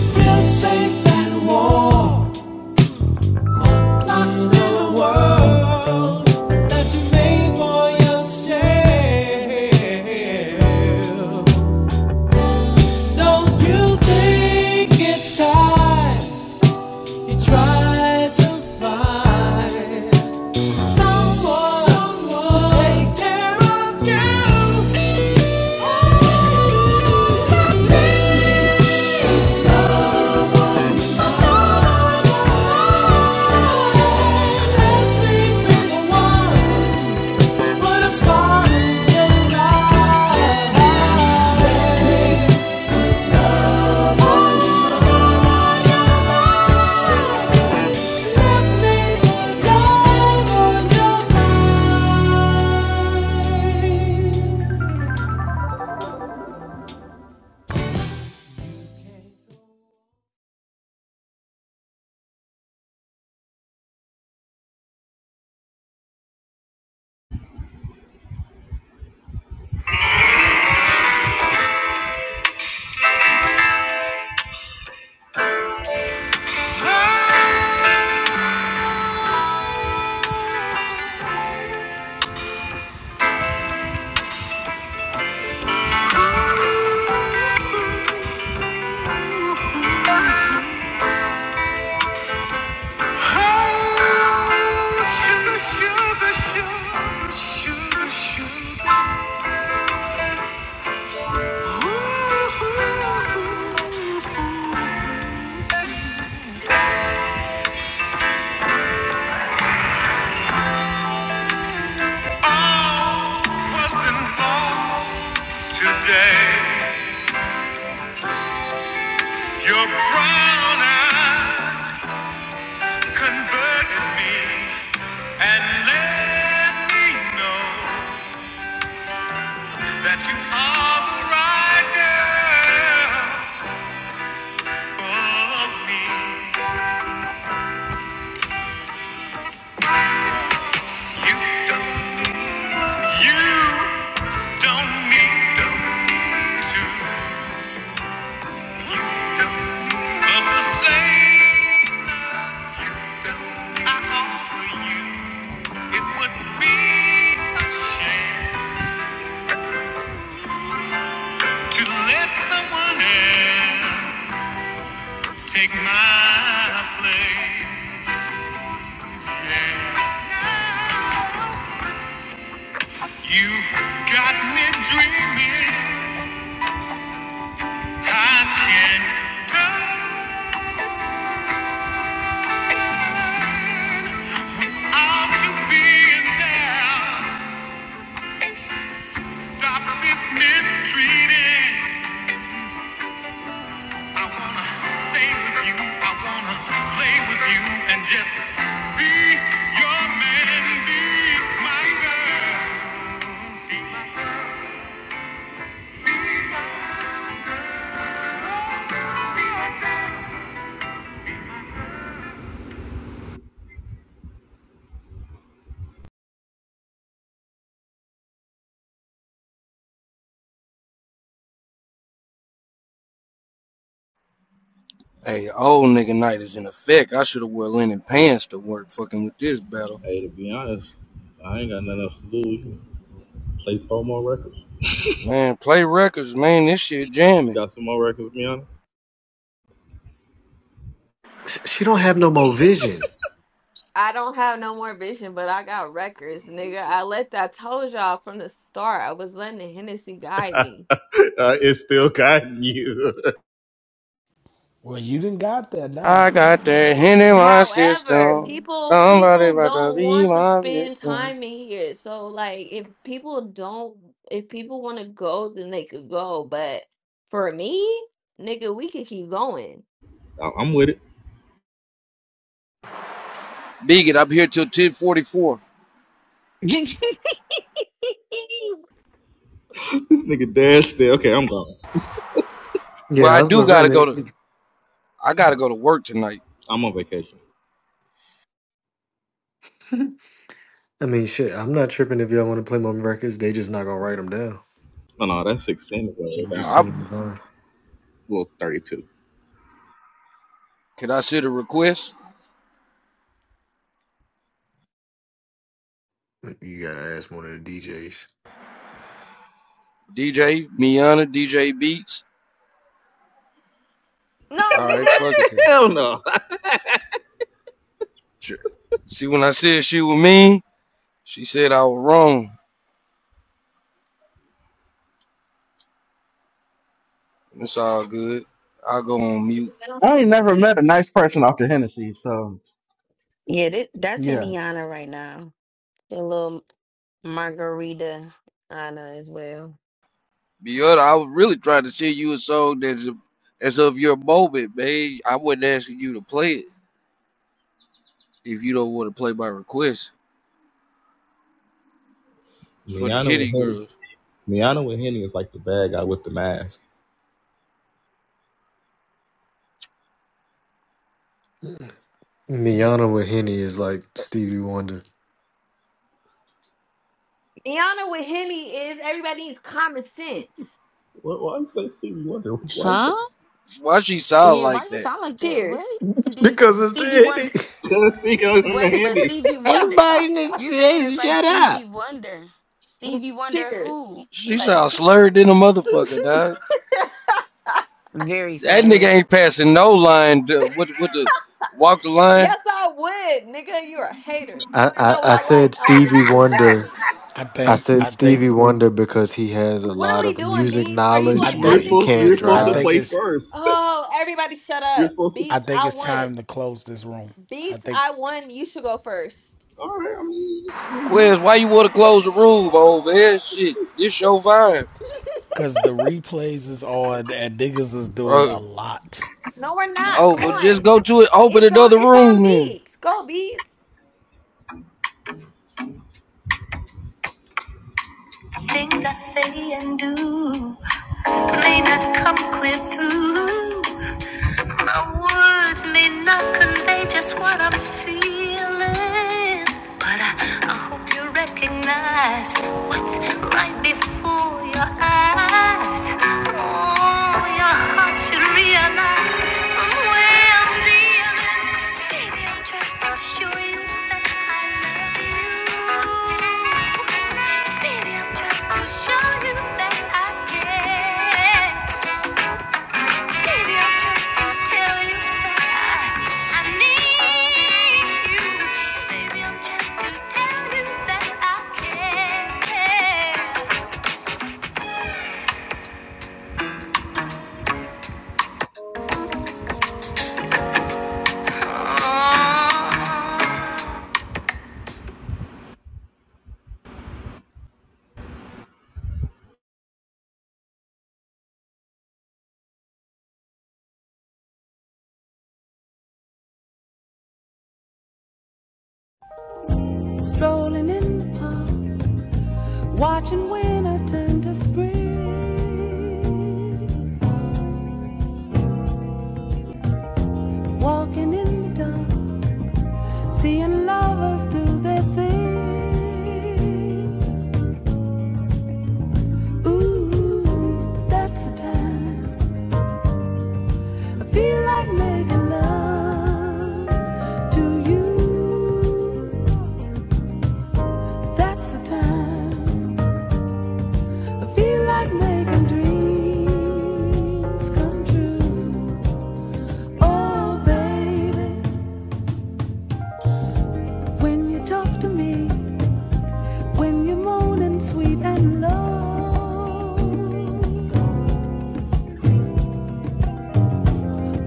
feel safe and warm, not in a world that you made for yourself. Don't you think it's time you try to find someone, someone to take care of you?
wasn't lost today. Convert me and let me know that you are the right girl. Don't need to look the same I offer you. It would be a shame to let someone else. Take my place. yeah. You've got me dreaming. I can't go on to being there. Stop this mistreating. I wanna stay with you. I wanna play with you and just be your man. Be my girl. Be my girl. Be my girl.
Hey, old nigga night is in effect. I should have wore linen pants to work fucking with this battle.
Hey, to be honest, I ain't got nothing else to do. with you. Play four more records.
Man, play records, man. This shit
You
jamming.
got some more records, Miana?
She don't have no more vision.
I don't have no more vision, but I got records, nigga. I let that I told y'all from the start. I was letting the Hennessy guide me.
Well, you didn't got that now.
I got that hand in my
However,
system.
people
Somebody
people
about to
don't
be
want to
my
spend
victim.
time in here. So like if people don't if people want to go, then they could go. But for me, nigga, we could keep going.
I- I'm with it.
Bigot, I'm here till 1044.
This nigga dad said, okay, I'm gone.
Well,
Yeah, I
I
was
do
supposed to
gotta go
say.
to, I
I
gotta
mean,
go to work tonight.
I'm on vacation.
no. I mean, shit, I'm not tripping if y'all want to play my records. They just not gonna write them down.
No, no, that's 16 is
You
way
can just
down.
I,
send them to Vine.
Well, 32.
could I sit a request?
You gotta ask one of the DJs.
DJ, Miana, DJ Beats.
No,
All right,
nigga.
fuck it then.
Hell no.
See, when I said she was mean, she said I was wrong. It's all good. I'll go on mute.
I ain't never met a nice person after Hennessy, so
yeah, that, that's
yeah.
Indiana right now. A little margarita Anna as well.
Because I was really trying to send you a song that's as of your moment, man. I wasn't asking you to play it if you don't want to play my request. It's for the
Miana with
hitty
Henny.
girls.
Miana with Henny is like the bad guy with the mask.
Miana with Henny is like Stevie Wonder
Iana with Henny is everybody needs common sense.
What, why you say Stevie Wonder? Why you say?
Huh?
Why she sound
Yeah, why
like
you
that?
sound like that? What?
Cheers.
And then
because it's the
Stevie Wonder.
Henny.
Because he goes on the
Wait, but
Henny.
Stevie Wonder.
Everybody in the
You saying it's
says
like
shut
Stevie
up.
Wonder. Stevie Wonder
Cheers.
who?
She
Like
sound slurred in a motherfucker, dog.
very
That
slurred.
nigga ain't passing no line. duh, What what the walk the line?
yes, I would, nigga. You're a hater.
I,
You
I
know what
I
I like?
said
I like when
Stevie
people doubt
Wonder.
me.
I
I
think
said
I think
Stevie Wonder because he has a
What are
lot
we
of
doing,
music
Beats? Are you
I
going?
knowledge,
I
but
You're
think
he
think.
supposed,
can't
you're
I
supposed to
think
drive
play
it's
first.
Oh, everybody shut
You're
up.
supposed to.
I
Beats,
think
I
it's
won.
time to close this room. I
Beats,
think
I won. You should go first.
All right, I mean, I'm good.
Quez, why you want to close the room over here? Shit, this your vibe.
because the replays is on and niggas is doing
Uh,
a lot.
No, we're not.
oh
Come
well,
on.
just go to it. Open
It's on
another
it's on
room then.
Beats. Go Beats.
Things I say and do may not come clear through. My words may not convey just what I'm feeling, but I, I hope you recognize what's right before your eyes. Oh, your heart should realize from where I'm dealing. Baby, I'm trying to show you that I love you. Baby, I'm trying to show you that I care. Baby, I'm Oh.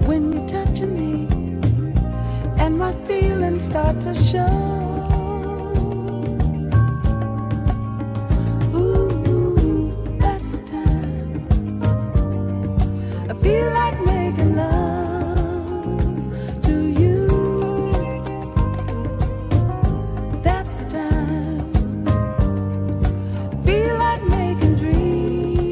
When you're touching me and my feelings start to show. Ooh, that's the time. I feel like making love to you. That's the time. I feel like making dreams.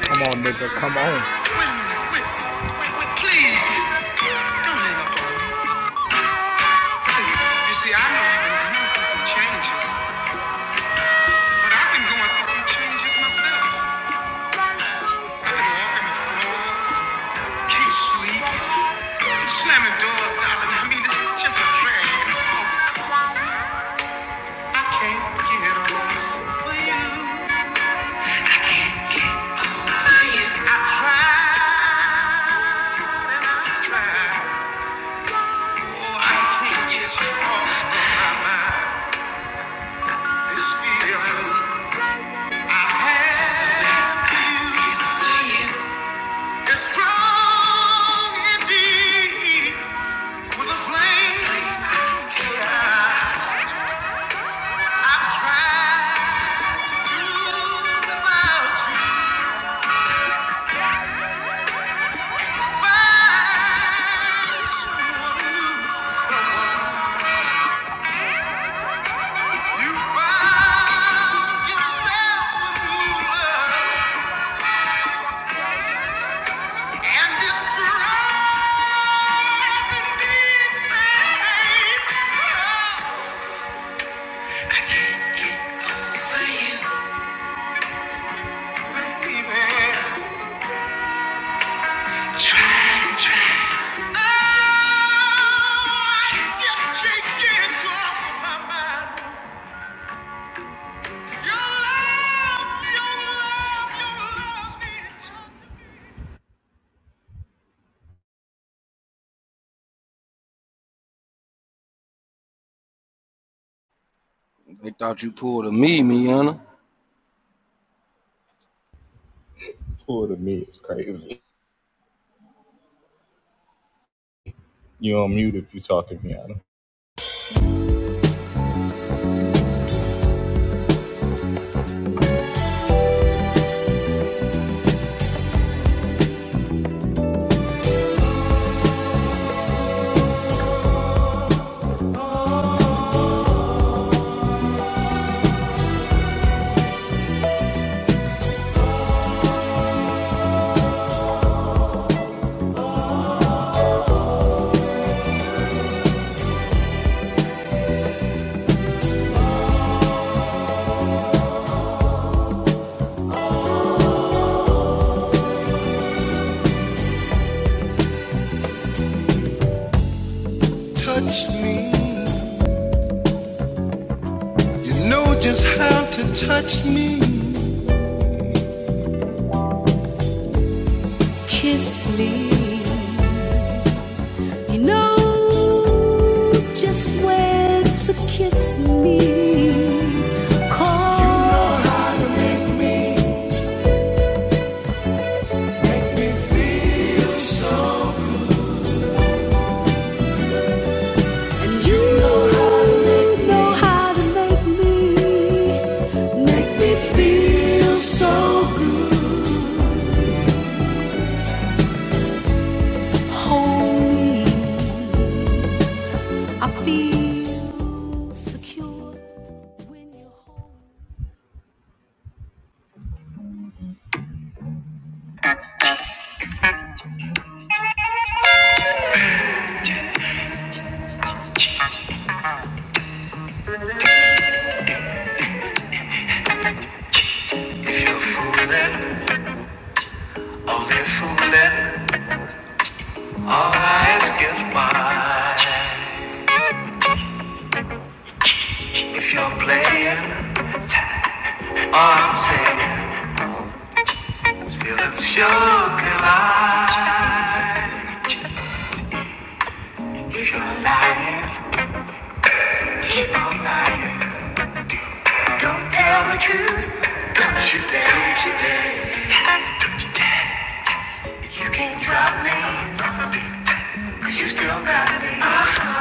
Come on, nigga. Come on.
Wait a minute, wait, wait, wait, please. Wait a minute. You see, I have been going through some changes, but I've been slamming doors, darling. I mean, this is just a drag. It's this feel- It's strong indeed. With the flame I've tried to do without you. Find someone new. Find yourself a And it's driving me insane. Baby, try, try. Oh, I just can't get you off of my mind.
They thought you pulled a me, Miana.
Poor to me is crazy. You on mute if you talking, Rihanna.
touch me. You know just how to touch me. Kiss me. No, just wait to me. Oh.
A little all I ask is why. If you're playing, all I'm saying is feeling sugar lie. If you're lying, keep on lying. Don't tell the truth, don't you dare, don't you dare. You can't drop me, cause you still got me. Uh-huh.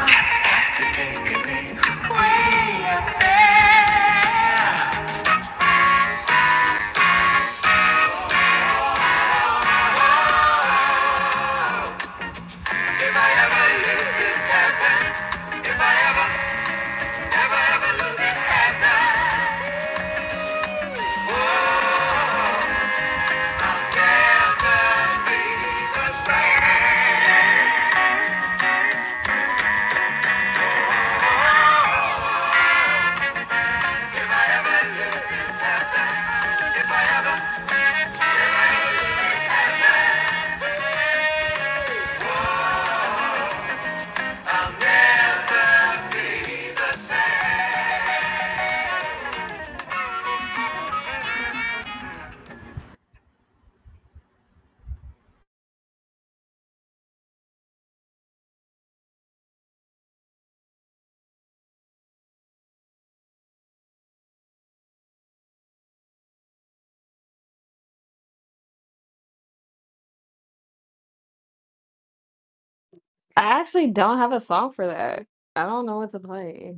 I actually don't have a song for that. I don't know what to play.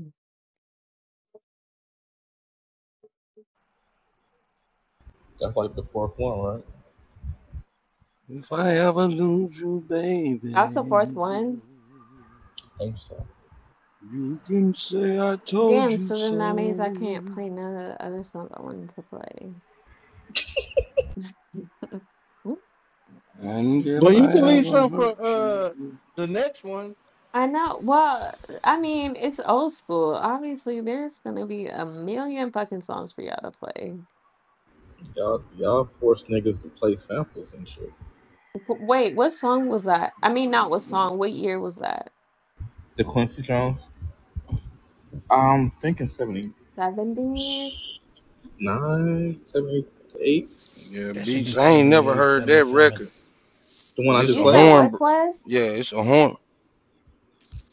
That's like the fourth one, right?
If I ever lose you,
That's the fourth
baby,
one.
I think so.
you can say I told
Damn,
you
so
so.
then that means I can't play none of the other songs I wanted to play.
And if
Well, you
I
can leave
ever
some for
hurt you,
uh the next one.
I know. Well, I mean, it's old school. Obviously, there's gonna be a million fucking songs for y'all to play.
Y'all, y'all force niggas to play samples and shit.
W- Wait, what song was that? I mean, not what song, what year was that?
The Quincy Jones. I'm thinking seventy
70s?
nine, seventy eight.
yeah,
That should be
beats. I ain't
seventy
never
eight,
heard
seventy
that
seven.
record,
The one
but
I
it's
just
You
a
said
played?
horn.
what
Bro.
class?
Yeah, it's a horn.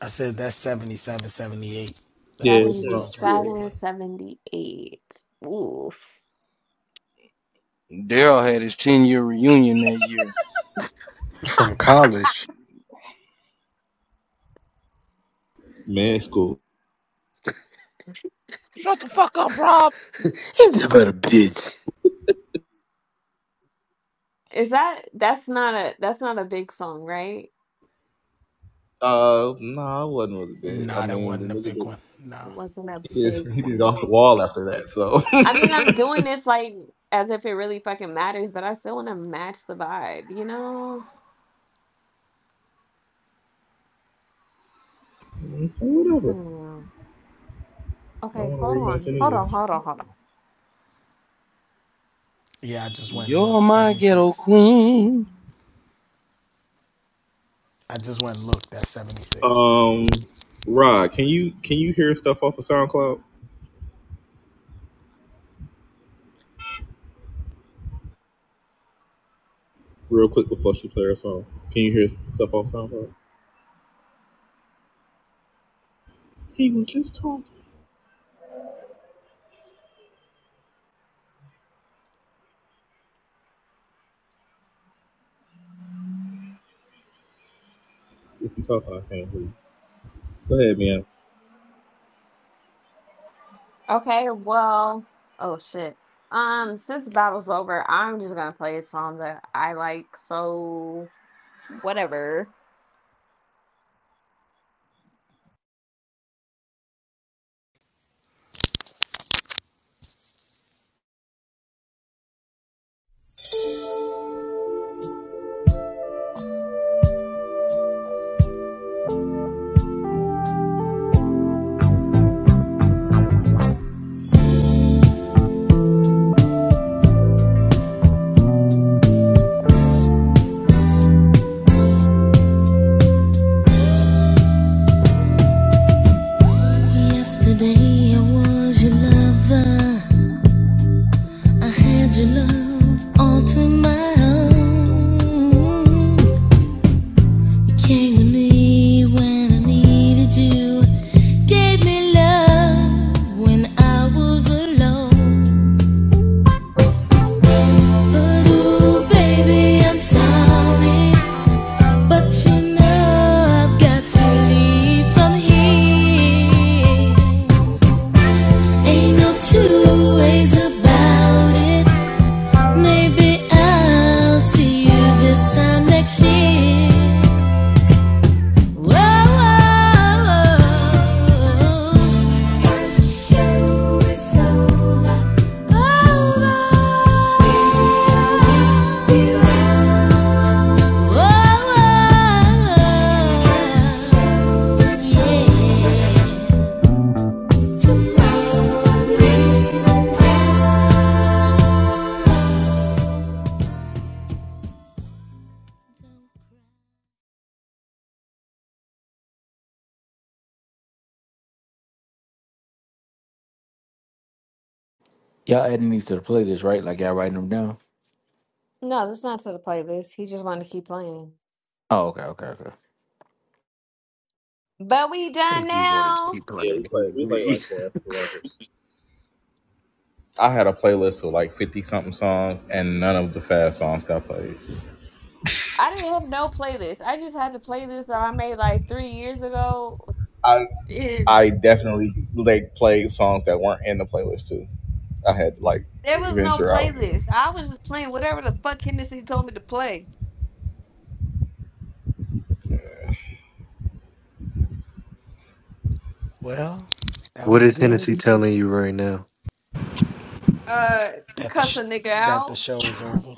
I said that's 77, 78. That
Yeah.
Quincy Jones record he
yeah.
77,
played.
78. Oof.
Daryl had his ten year reunion that year.
from college.
Man, it's cool.
Shut the fuck up, Rob.
Ain't about a bitch.
Is that that's not a that's not a big song, right?
Uh, no, I wasn't really big. I
Nah, that
mean, the
wasn't a
nigga
big
did.
one.
It
Nah.
wasn't a
He
big
did it
one.
off the wall after that. So,
I mean, I'm doing this like as if it really fucking matters, but I still want to match the vibe, you know?
Whatever.
Hmm.
I
Okay,
want to
hold
rematch
on. Hold
anyway.
on, hold on, hold on.
Yeah, I just went and
You're
looked.
my ghetto
76.
queen.
I just went and looked. That's 76.
Um, Rod, can you can you hear stuff off of SoundCloud real quick before she plays her song? Can you hear stuff off SoundCloud? He was just talking. If you talking, I can't hear you. Go ahead, man.
Okay, well, oh shit. Um, since the battle's over, I'm just gonna play a song that I like, so whatever.
Yesterday I was your lover. I had your love all to my own. When you gave me love, and I was a baby. Oh, I've got to leave. Maybe I'll see you this time next year. Whoa, the show is Over. Over. oh, oh, oh, yeah.
Y'all adding these to the playlist, right? Like y'all writing them down?
No, that's not to the playlist. He just wanted to keep playing.
Oh, okay, okay, okay.
But we done
Think you wanted to
now.
keep
Yeah, we
playing?
play
He
we play
agreed.
like four extra records. I had a playlist of like fifty something songs, and none of the fast songs got played.
I didn't have no playlist. I just had the playlist that I made like three years ago.
I
It,
I definitely like played songs that weren't in the playlist too. I had like
there was no
venture out. and.
playlist. I was just playing whatever the fuck Hennessy told me to play.
Well, that
What
was
is Hennessy
good.
telling you right now?
Uh, to
That the
cuss
sh-
a nigga
that the
out.
show is over.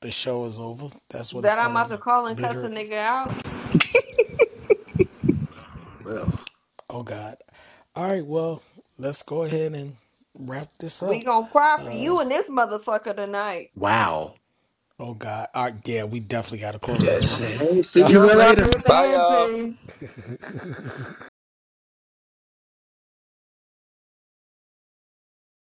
The show is over. That's what it's
That I'm about
telling
to
them.
call and cuss a
Literally.
nigga out.
Well,
Oh God. All right. Well, let's go ahead and wrap this
We
up.
gonna cry for
Uh.
you and this motherfucker tonight.
Wow.
Oh God. All right, yeah, we definitely got to close
yeah,
this room.
say, hey, see
Y'all,
You've
y'all
been rocking
later.
with the
Bye,
home
y'all.
team.